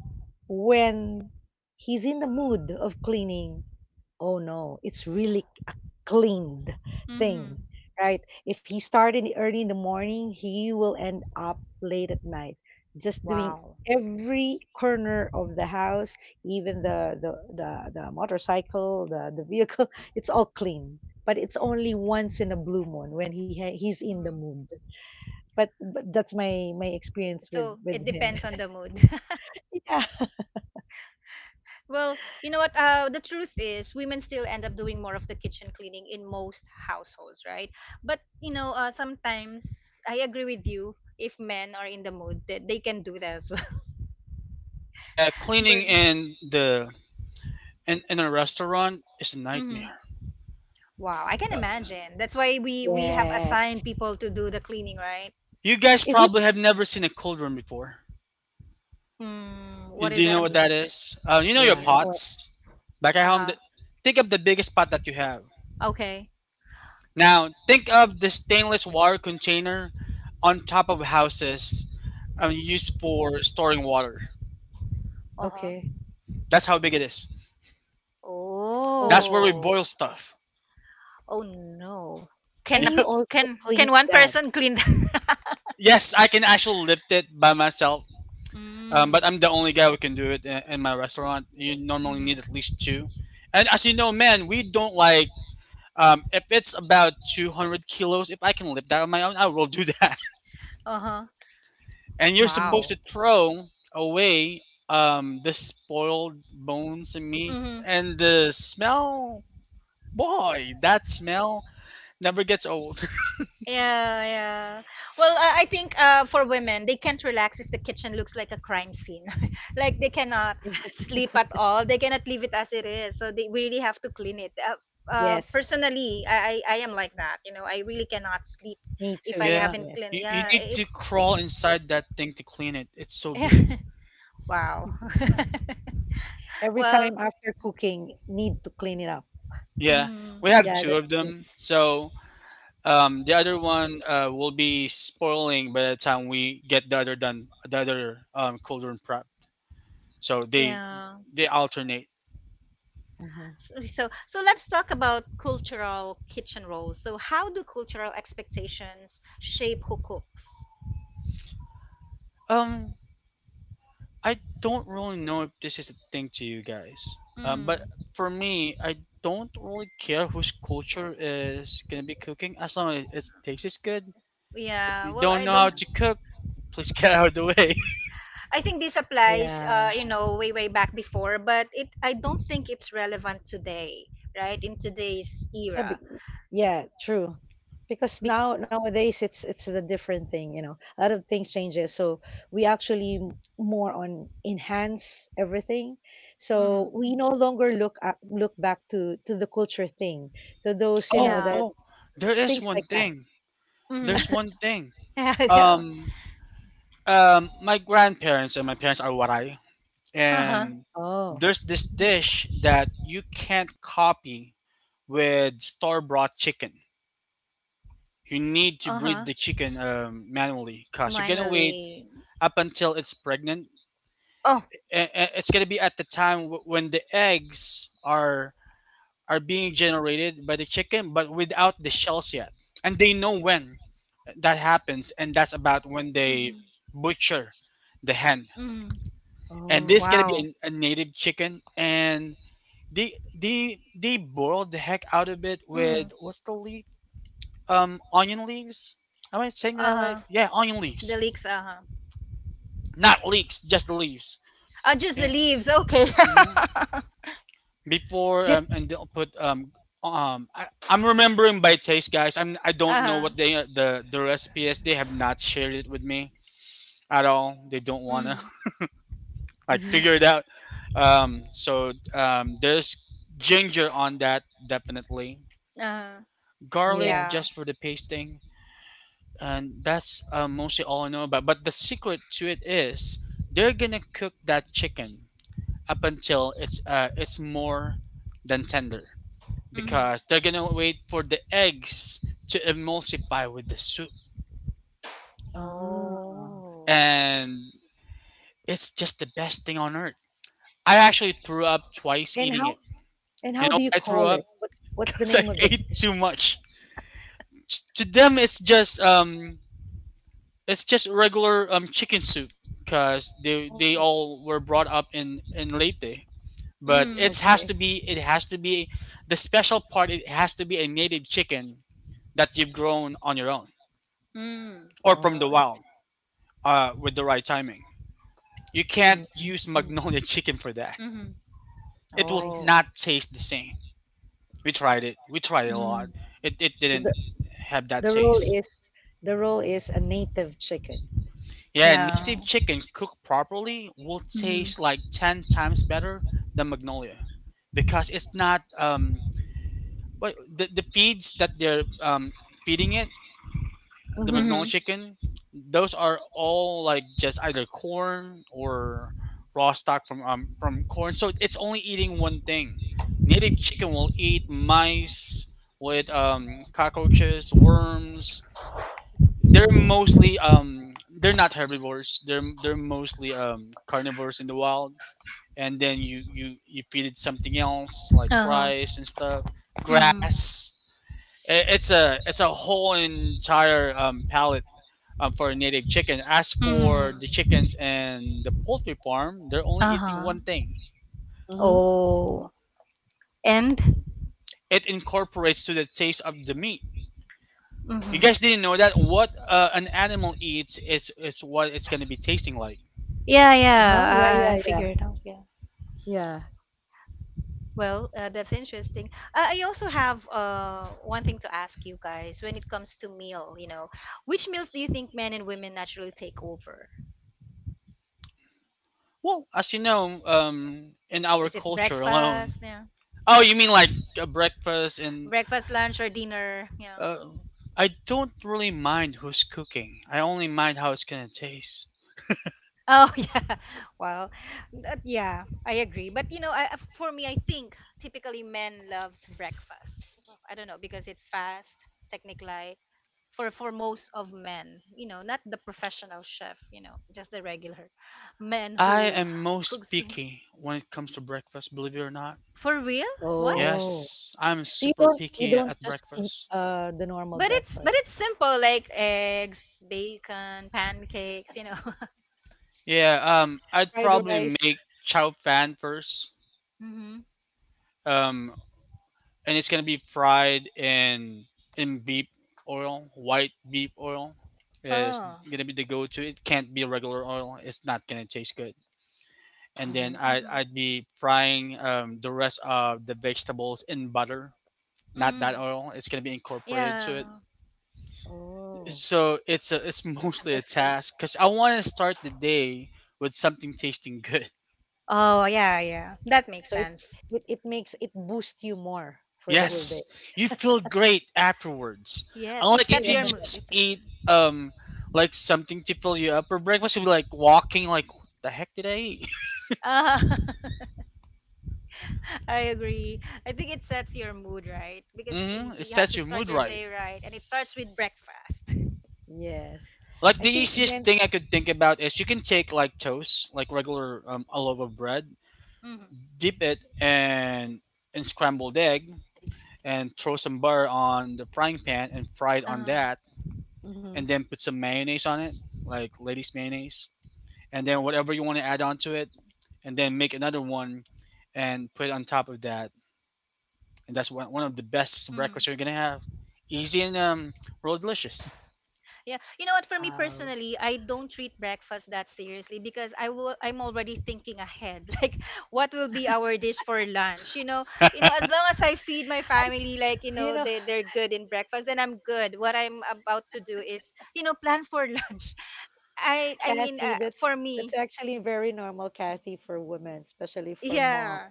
[SPEAKER 2] when he's in the mood of cleaning, oh no, it's really a cleaned
[SPEAKER 1] Mm-hmm.
[SPEAKER 2] thing, right? If he started early in the morning, he will end up late at night, just doing
[SPEAKER 1] Wow.
[SPEAKER 2] every corner of the house, even the motorcycle, the vehicle. It's all clean, but it's only once in a blue moon when he's in the mood. But that's my experience with
[SPEAKER 1] So it
[SPEAKER 2] with him.
[SPEAKER 1] depends on the mood.
[SPEAKER 2] yeah.
[SPEAKER 1] Well, you know what? The truth is, women still end up doing more of the kitchen cleaning in most households, right? But you know, sometimes I agree with you. If men are in the mood, that they can do that as well.
[SPEAKER 3] Yeah, cleaning
[SPEAKER 1] But
[SPEAKER 3] in the in a restaurant is a
[SPEAKER 1] mhm.
[SPEAKER 3] nightmare.
[SPEAKER 1] Wow, I can
[SPEAKER 3] Uh,
[SPEAKER 1] imagine. That's why we have
[SPEAKER 2] Yes.
[SPEAKER 1] assigned people to do the cleaning, right?
[SPEAKER 3] you guys
[SPEAKER 2] Is it?
[SPEAKER 3] probably have never seen a cold room before.
[SPEAKER 1] Mm,
[SPEAKER 3] You-
[SPEAKER 1] what
[SPEAKER 3] Do
[SPEAKER 1] is
[SPEAKER 3] you
[SPEAKER 1] that?
[SPEAKER 3] know
[SPEAKER 1] I'm
[SPEAKER 3] what
[SPEAKER 2] Mm,
[SPEAKER 1] sorry.
[SPEAKER 3] that is? You know your
[SPEAKER 2] yeah.
[SPEAKER 1] Yeah.
[SPEAKER 2] No.
[SPEAKER 3] pots back at
[SPEAKER 1] Uh
[SPEAKER 3] home.
[SPEAKER 1] huh.
[SPEAKER 3] Think of the biggest pot that you have.
[SPEAKER 1] Okay.
[SPEAKER 3] Now, think of the stainless water container on top of houses used for storing water.
[SPEAKER 1] Uh huh.
[SPEAKER 2] Okay.
[SPEAKER 3] That's how big it is.
[SPEAKER 2] Oh.
[SPEAKER 3] That's where we boil
[SPEAKER 1] Oh.
[SPEAKER 3] stuff.
[SPEAKER 1] Oh no. Can
[SPEAKER 2] And
[SPEAKER 1] a,
[SPEAKER 2] you
[SPEAKER 3] Yep.
[SPEAKER 2] also
[SPEAKER 1] can can
[SPEAKER 2] clean
[SPEAKER 1] one
[SPEAKER 2] that.
[SPEAKER 1] person clean that?
[SPEAKER 3] Yes, I can actually lift it by myself,
[SPEAKER 1] Mm.
[SPEAKER 3] but I'm the only guy who can do it in my restaurant. You normally need at
[SPEAKER 1] Mm-hmm.
[SPEAKER 3] least two. And as you know, man, we don't like if it's about 200 kilos. If I can lift that on my own, I will do that.
[SPEAKER 1] Uh-huh.
[SPEAKER 3] And you're
[SPEAKER 2] Hmm.
[SPEAKER 3] supposed
[SPEAKER 1] Wow.
[SPEAKER 3] to throw away the spoiled bones and meat.
[SPEAKER 1] Mm-hmm.
[SPEAKER 3] And the smell, boy, that smell never gets old.
[SPEAKER 1] Yeah, yeah. Well, I think for women, they can't relax if the kitchen looks like a crime scene. Like they cannot sleep at all. They cannot leave it as it is. So they really have to clean it.
[SPEAKER 2] Yes,
[SPEAKER 1] Personally, I am like that. You know, I really cannot sleep
[SPEAKER 2] me
[SPEAKER 1] if I
[SPEAKER 2] too.
[SPEAKER 3] Yeah.
[SPEAKER 1] haven't
[SPEAKER 2] Yes.
[SPEAKER 1] cleaned.
[SPEAKER 3] You
[SPEAKER 1] Yeah,
[SPEAKER 3] need to
[SPEAKER 1] it's
[SPEAKER 3] crawl inside that thing to clean it. It's so big.
[SPEAKER 1] wow.
[SPEAKER 2] Every
[SPEAKER 1] Well,
[SPEAKER 2] time after cooking, need to clean it up.
[SPEAKER 3] Yeah.
[SPEAKER 1] mm
[SPEAKER 3] We have
[SPEAKER 2] Yeah,
[SPEAKER 3] two
[SPEAKER 2] that's
[SPEAKER 3] of
[SPEAKER 2] me.
[SPEAKER 3] them. So the other one will be spoiling by the time we get the other done, the other cauldron prep. So
[SPEAKER 1] yeah.
[SPEAKER 3] they alternate.
[SPEAKER 2] Hmm.
[SPEAKER 1] So let's talk about cultural kitchen roles. So how do cultural expectations shape who cooks?
[SPEAKER 3] Um, I don't really know if this is a thing to you guys,
[SPEAKER 1] Mm.
[SPEAKER 3] but for me, I don't really care whose culture is gonna be cooking as long as it tastes good. If
[SPEAKER 1] Yeah.
[SPEAKER 3] you
[SPEAKER 1] Well,
[SPEAKER 3] don't
[SPEAKER 1] I
[SPEAKER 3] know
[SPEAKER 2] Yeah.
[SPEAKER 3] how
[SPEAKER 1] don't.
[SPEAKER 3] to cook, please get out of the way.
[SPEAKER 1] Mhm. I think this applies,
[SPEAKER 2] Yeah.
[SPEAKER 1] you know, way way back before, but it I don't think it's relevant today, right? In today's
[SPEAKER 2] Yeah,
[SPEAKER 1] era,
[SPEAKER 2] yeah, true. Because
[SPEAKER 1] Bec-
[SPEAKER 2] now nowadays it's a different thing. A lot of things changes. So we actually more on enhance everything. So
[SPEAKER 1] mhm.
[SPEAKER 2] we no longer look back to the culture thing, to those,
[SPEAKER 1] Yeah,
[SPEAKER 2] that
[SPEAKER 3] Oh, there is
[SPEAKER 2] things
[SPEAKER 3] one
[SPEAKER 2] like that.
[SPEAKER 3] thing.
[SPEAKER 1] mm-hmm.
[SPEAKER 3] There's one thing.
[SPEAKER 1] Yeah, go,
[SPEAKER 3] Um, my grandparents and my parents are Waray,
[SPEAKER 1] uh huh,
[SPEAKER 3] and
[SPEAKER 2] Oh.
[SPEAKER 3] there's this
[SPEAKER 2] Mhm.
[SPEAKER 3] dish that you can't copy with store-bought chicken. You need to
[SPEAKER 1] uh
[SPEAKER 3] breed
[SPEAKER 1] huh,
[SPEAKER 3] the chicken manually because you're gonna wait
[SPEAKER 1] manually.
[SPEAKER 3] up until it's pregnant.
[SPEAKER 1] Oh,
[SPEAKER 3] It's gonna be at the time when the eggs are being generated by the chicken, but without the shells yet. And they know when that happens, and that's about when they
[SPEAKER 1] mm-hmm.
[SPEAKER 3] butcher the hen.
[SPEAKER 1] Mm-hmm.
[SPEAKER 3] And this
[SPEAKER 2] Oh.
[SPEAKER 3] gonna
[SPEAKER 1] Wow,
[SPEAKER 3] be a native chicken, and they boiled the heck out of it
[SPEAKER 1] mm-hmm.
[SPEAKER 3] with what's the leaf? Onion leaves. Am I saying
[SPEAKER 1] Uh
[SPEAKER 3] that right?
[SPEAKER 1] huh,
[SPEAKER 3] Yeah, onion
[SPEAKER 1] the
[SPEAKER 3] leaves,
[SPEAKER 1] leaks, uh huh.
[SPEAKER 3] not leeks, just the leaves.
[SPEAKER 1] Oh, just the
[SPEAKER 3] Yeah.
[SPEAKER 1] leaves. Okay.
[SPEAKER 3] hmm Before
[SPEAKER 2] Is it?
[SPEAKER 3] and they'll put I'm remembering by taste, guys. I don't know
[SPEAKER 1] Uh-huh.
[SPEAKER 3] what they the recipe is. They have not shared it with me at all. They don't wanna
[SPEAKER 1] Mm-hmm.
[SPEAKER 3] like
[SPEAKER 2] Mhm.
[SPEAKER 3] figure it out. So there's ginger on that definitely.
[SPEAKER 1] Uh-huh.
[SPEAKER 2] Yeah.
[SPEAKER 3] Garlic
[SPEAKER 1] Yeah.
[SPEAKER 3] just for the pasting, and that's mostly all I know about. But the secret to it is they're gonna cook that chicken up until it's more than tender
[SPEAKER 1] Mm-hmm.
[SPEAKER 3] because they're gonna wait for the eggs to emulsify with the soup,
[SPEAKER 2] Ah.
[SPEAKER 1] Oh.
[SPEAKER 3] and it's just the best thing on earth. I actually threw up twice
[SPEAKER 2] And
[SPEAKER 3] eating
[SPEAKER 2] how
[SPEAKER 3] it.
[SPEAKER 2] and
[SPEAKER 3] You
[SPEAKER 2] how
[SPEAKER 3] know,
[SPEAKER 2] do you
[SPEAKER 3] I threw
[SPEAKER 2] call
[SPEAKER 3] up
[SPEAKER 2] it? What's what's the
[SPEAKER 3] because I
[SPEAKER 2] name of the
[SPEAKER 3] ate
[SPEAKER 2] dish?
[SPEAKER 3] too much. To them it's just regular chicken soup because they
[SPEAKER 2] Oh.
[SPEAKER 3] all were brought up in Leyte. But
[SPEAKER 1] Mm.
[SPEAKER 3] it has
[SPEAKER 2] Okay.
[SPEAKER 3] to be it has to be the special part. It has to be a native chicken that you've grown on your own
[SPEAKER 1] Mm.
[SPEAKER 3] or
[SPEAKER 2] Oh,
[SPEAKER 3] from the
[SPEAKER 2] I see.
[SPEAKER 3] wild, with the right timing. You can't use
[SPEAKER 2] Mhm.
[SPEAKER 3] Magnolia chicken for that.
[SPEAKER 1] Mm-hmm.
[SPEAKER 3] It will
[SPEAKER 2] I see.
[SPEAKER 1] Oh.
[SPEAKER 3] not taste the same. We tried it. We tried it a
[SPEAKER 1] Mm.
[SPEAKER 3] lot. It
[SPEAKER 2] So
[SPEAKER 3] didn't have that
[SPEAKER 2] the role
[SPEAKER 3] taste.
[SPEAKER 2] is the role is a native chicken.
[SPEAKER 3] Yeah,
[SPEAKER 1] Yeah.
[SPEAKER 3] native chicken cooked properly will taste like
[SPEAKER 1] Mm-hmm.
[SPEAKER 3] 10 times better than Magnolia because it's not what the feeds that they're feeding it, the
[SPEAKER 2] Mhm.
[SPEAKER 3] McNally
[SPEAKER 1] Mm-hmm.
[SPEAKER 3] chicken, those are all like just either corn or raw stock from corn. So it's only eating one thing. Native chicken will eat mice with cockroaches, worms. They're
[SPEAKER 2] Mhm.
[SPEAKER 3] mostly they're not herbivores. They're mostly carnivores in the wild. And then you feed it something else like
[SPEAKER 1] Uh-huh.
[SPEAKER 3] rice and stuff,
[SPEAKER 1] Mm-hmm.
[SPEAKER 3] grass. It's a whole entire palette for native chicken. As for the
[SPEAKER 1] Mm-hmm.
[SPEAKER 3] chickens and the poultry farm, they're only eating
[SPEAKER 1] Uh-huh.
[SPEAKER 3] one thing.
[SPEAKER 2] Mhm.
[SPEAKER 1] Oh. And?
[SPEAKER 3] It incorporates to the taste of the meat. You
[SPEAKER 1] Mm-hmm.
[SPEAKER 3] guys didn't know that what an animal eats is it's what it's going to be tasting like.
[SPEAKER 1] Yeah,
[SPEAKER 2] Uh-huh. Yeah,
[SPEAKER 1] yeah. I
[SPEAKER 2] yeah, yeah.
[SPEAKER 1] figured it out. Yeah.
[SPEAKER 2] Yeah.
[SPEAKER 1] Well, that's interesting. I also have one thing to ask you guys when it comes to meal, you know, which meals do you think men and women naturally take over?
[SPEAKER 3] Well, as you know, in our
[SPEAKER 1] Is it
[SPEAKER 3] culture alone.
[SPEAKER 1] breakfast? Yeah.
[SPEAKER 3] Oh, you mean like a breakfast and
[SPEAKER 1] Breakfast, lunch, or dinner? Yeah.
[SPEAKER 3] uh, I don't really mind who's cooking. I only mind how it's going to taste.
[SPEAKER 1] Oh yeah. Well, yeah, I agree. But you know, for me, I think typically men loves breakfast. Well, I don't know because it's fast, technic light. For most of men, not the professional chef, just the regular men
[SPEAKER 3] I
[SPEAKER 1] who
[SPEAKER 3] am most
[SPEAKER 1] cooks
[SPEAKER 3] picky when it comes to breakfast, believe it or not.
[SPEAKER 1] for real. Why?
[SPEAKER 2] Oh.
[SPEAKER 3] Yes, I'm
[SPEAKER 2] So you
[SPEAKER 3] super
[SPEAKER 2] don't you
[SPEAKER 3] picky
[SPEAKER 2] don't
[SPEAKER 3] at
[SPEAKER 2] just eat
[SPEAKER 3] breakfast.
[SPEAKER 2] the normal
[SPEAKER 1] But it's but
[SPEAKER 2] breakfast.
[SPEAKER 1] it's simple like eggs, bacon, pancakes.
[SPEAKER 3] Yeah, I'd
[SPEAKER 2] Fried
[SPEAKER 3] probably
[SPEAKER 2] rice.
[SPEAKER 3] make chow fan first.
[SPEAKER 1] Mm-hmm.
[SPEAKER 3] Um, and it's gonna be fried in beef oil. White beef oil is
[SPEAKER 1] Oh.
[SPEAKER 3] gonna be the go-to. It can't be regular oil. It's not gonna taste good. And then
[SPEAKER 2] Mhm.
[SPEAKER 3] I
[SPEAKER 1] Mm-hmm.
[SPEAKER 3] I'd be frying the rest of the vegetables in butter, not that
[SPEAKER 1] Mm.
[SPEAKER 3] oil. It's gonna be incorporated to
[SPEAKER 1] Yeah.
[SPEAKER 3] it.
[SPEAKER 2] Oh.
[SPEAKER 3] So it's
[SPEAKER 2] It's a
[SPEAKER 3] mostly a
[SPEAKER 2] different,
[SPEAKER 3] task because I want to start the day with something tasting good.
[SPEAKER 1] Oh, yeah, yeah. That makes
[SPEAKER 2] so it
[SPEAKER 1] sense.
[SPEAKER 2] it, it makes it boosts you more for the
[SPEAKER 1] Yeah.
[SPEAKER 2] whole day.
[SPEAKER 3] Yes, you feel great afterwards.
[SPEAKER 1] Yes, it
[SPEAKER 3] Unlike if
[SPEAKER 1] sets
[SPEAKER 3] you
[SPEAKER 1] your mood. It
[SPEAKER 3] just
[SPEAKER 1] sets your
[SPEAKER 3] eat
[SPEAKER 1] mood.
[SPEAKER 3] like something to fill you up for breakfast, you'll be like walking like what the heck did I eat?
[SPEAKER 1] Uh, I agree. I think it sets your mood, right? Because
[SPEAKER 3] It
[SPEAKER 1] you have
[SPEAKER 3] sets
[SPEAKER 1] to
[SPEAKER 3] your
[SPEAKER 1] start
[SPEAKER 3] mood
[SPEAKER 1] your
[SPEAKER 3] right.
[SPEAKER 1] day right, and it starts with breakfast.
[SPEAKER 2] Yes. I
[SPEAKER 3] Like the
[SPEAKER 2] think
[SPEAKER 3] easiest
[SPEAKER 2] men's.
[SPEAKER 3] thing I could think about is you can take like toast, like regular a loaf of bread,
[SPEAKER 1] hmm
[SPEAKER 3] dip it and in scrambled egg, and throw some butter on the frying pan and fry it on
[SPEAKER 1] Uh-huh.
[SPEAKER 3] that,
[SPEAKER 2] Mhm.
[SPEAKER 3] and then put some mayonnaise on it, like ladies' mayonnaise, and then whatever you want to add on to it, and then make another one and put it on top of that. And that's one of the best
[SPEAKER 1] Mm.
[SPEAKER 3] breakfasts you're gonna have. Easy and real delicious.
[SPEAKER 1] Yeah, you know what? For me
[SPEAKER 2] Oh.
[SPEAKER 1] personally, I don't treat breakfast that seriously because I will. I'm already thinking ahead, like what will be our dish for lunch. As long as I feed my
[SPEAKER 2] I
[SPEAKER 1] family, like
[SPEAKER 2] you know,
[SPEAKER 1] they're good in breakfast, then I'm good. What I'm about to do is, you know, plan for lunch.
[SPEAKER 2] Kathy, that's
[SPEAKER 1] For
[SPEAKER 2] that's
[SPEAKER 1] me,
[SPEAKER 2] actually very normal, Kathy, for women, especially for
[SPEAKER 1] yeah,
[SPEAKER 2] moms.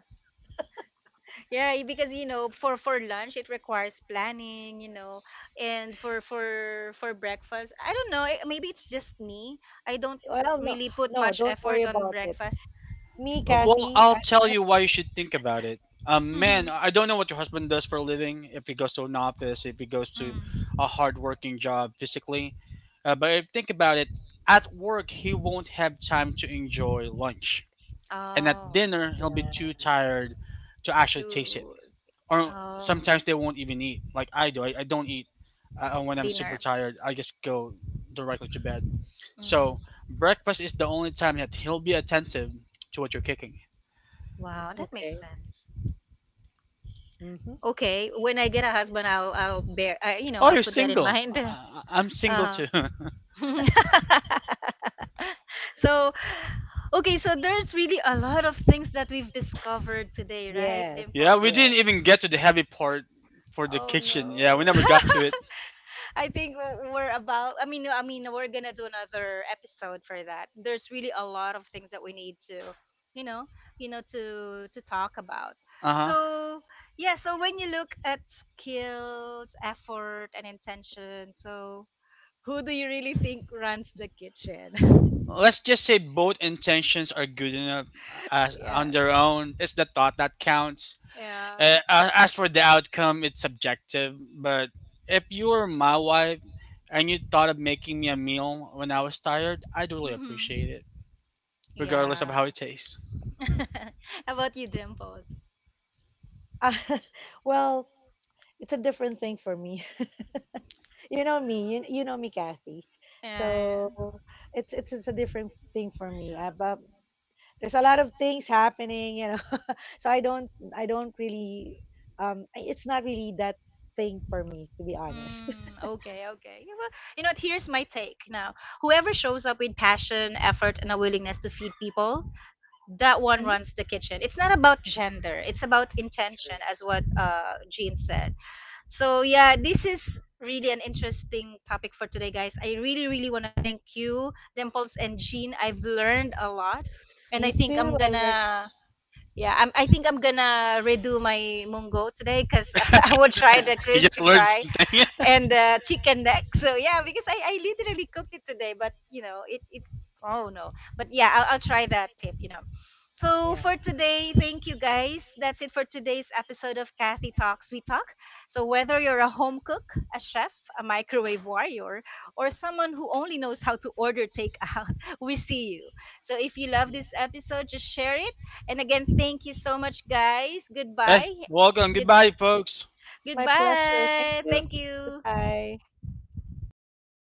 [SPEAKER 1] yeah, because you know for lunch it requires planning, you know. And for breakfast I don't know, eh, maybe it's just me. I don't
[SPEAKER 2] Well, no,
[SPEAKER 1] really put
[SPEAKER 2] no,
[SPEAKER 1] much
[SPEAKER 2] don't worry
[SPEAKER 1] effort on
[SPEAKER 2] about it.
[SPEAKER 1] breakfast.
[SPEAKER 2] Me,
[SPEAKER 3] Well,
[SPEAKER 2] Kathy,
[SPEAKER 3] I'll
[SPEAKER 2] I,
[SPEAKER 3] tell
[SPEAKER 2] I
[SPEAKER 3] you why you should think about it.
[SPEAKER 1] Mm-hmm.
[SPEAKER 3] Man, I don't know what your husband does for a living. If he goes to an office, if he goes to
[SPEAKER 1] Mm.
[SPEAKER 3] a hardworking job physically, but if think about it, at work he won't have time to enjoy lunch, and at
[SPEAKER 1] Oh,
[SPEAKER 3] dinner he'll be too
[SPEAKER 2] yeah,
[SPEAKER 3] tired to actually taste it.
[SPEAKER 1] to,
[SPEAKER 3] Or
[SPEAKER 1] um,
[SPEAKER 3] sometimes they won't even eat like I do. I don't eat when I'm super
[SPEAKER 1] dinner.
[SPEAKER 3] tired I just go directly to bed. So
[SPEAKER 1] Mm.
[SPEAKER 3] breakfast is the only time that he'll be attentive to what you're cooking.
[SPEAKER 1] Wow, that makes
[SPEAKER 2] okay.
[SPEAKER 1] sense.
[SPEAKER 2] Mm-hmm.
[SPEAKER 1] Okay, when I get a husband I'll bear, you know,
[SPEAKER 3] Oh,
[SPEAKER 1] I'll
[SPEAKER 3] you're
[SPEAKER 1] put that in
[SPEAKER 3] single.
[SPEAKER 1] mind.
[SPEAKER 3] I'm single
[SPEAKER 1] uh-huh
[SPEAKER 3] too.
[SPEAKER 1] So, okay, so there's really a lot of things that we've discovered today, right,
[SPEAKER 2] Yes,
[SPEAKER 3] Yeah, we
[SPEAKER 1] Dimples?
[SPEAKER 2] yes.
[SPEAKER 3] didn't even get to the heavy part for the
[SPEAKER 1] Oh
[SPEAKER 3] kitchen. Yeah,
[SPEAKER 1] no.
[SPEAKER 3] we never got to it.
[SPEAKER 1] I think we're about, I mean, no, I mean we're going to do another episode for that. There's really a lot of things that we need to, you know, you know to talk about.
[SPEAKER 3] Uh-huh.
[SPEAKER 1] So, yeah, so when you look at skills, effort and intention, so who do you really think runs the kitchen?
[SPEAKER 3] Let's just say both intentions are good enough, as
[SPEAKER 1] Yeah.
[SPEAKER 3] on their own. It's the thought that counts.
[SPEAKER 1] Yeah.
[SPEAKER 3] As for the outcome, it's subjective, but if you were my wife and you thought of making me a meal when I was tired, I'd really
[SPEAKER 1] Mhm.
[SPEAKER 3] appreciate it, regardless of
[SPEAKER 1] Yeah.
[SPEAKER 3] how it tastes.
[SPEAKER 1] About you, Dimples?
[SPEAKER 2] well, it's a different thing for me. you, know me, You know me, Kathy.
[SPEAKER 1] Yeah,
[SPEAKER 2] So
[SPEAKER 1] yeah.
[SPEAKER 2] it's a different thing for me. But there's a lot of things happening. so I don't really it's not really that thing for me, to be honest.
[SPEAKER 1] Mm, okay, okay. Yeah, well, you know what? Here's my take now. Whoever shows up with passion, effort, and a willingness to feed people, that one
[SPEAKER 2] Uh-huh.
[SPEAKER 1] runs the kitchen. It's not about gender. It's about intention,
[SPEAKER 2] True.
[SPEAKER 1] as what Jean said. So yeah, this is really an interesting topic for today, guys. I really, really want to thank you, Dimples and Jean. I've learned a lot, and I
[SPEAKER 2] Me
[SPEAKER 1] think
[SPEAKER 2] too.
[SPEAKER 1] I'm
[SPEAKER 2] I learned,
[SPEAKER 1] gonna. Yeah, I think I'm gonna redo my mungo today because I would try the
[SPEAKER 3] You just
[SPEAKER 1] crispy
[SPEAKER 3] learned
[SPEAKER 1] fry
[SPEAKER 3] something.
[SPEAKER 1] and, chicken neck. So yeah, because I literally cooked it today, but you know it. Oh no. But yeah, I'll try that tip. You know. So
[SPEAKER 2] yeah.
[SPEAKER 1] for today, thank you guys. That's it for today's episode of Kathy Talks We Talk. So whether you're a home cook, a chef, a microwave warrior, or someone who only knows how to order takeout, we see you. So if you love
[SPEAKER 2] Yeah.
[SPEAKER 1] this episode, just share it. And again, thank you so much, guys.
[SPEAKER 3] Hey,
[SPEAKER 1] Goodbye.
[SPEAKER 3] welcome.
[SPEAKER 2] Thank
[SPEAKER 1] Good
[SPEAKER 3] Goodbye,
[SPEAKER 2] you.
[SPEAKER 3] folks.
[SPEAKER 2] It's my pleasure. Thank
[SPEAKER 1] Goodbye.
[SPEAKER 2] you.
[SPEAKER 1] Thank you.
[SPEAKER 2] Goodbye.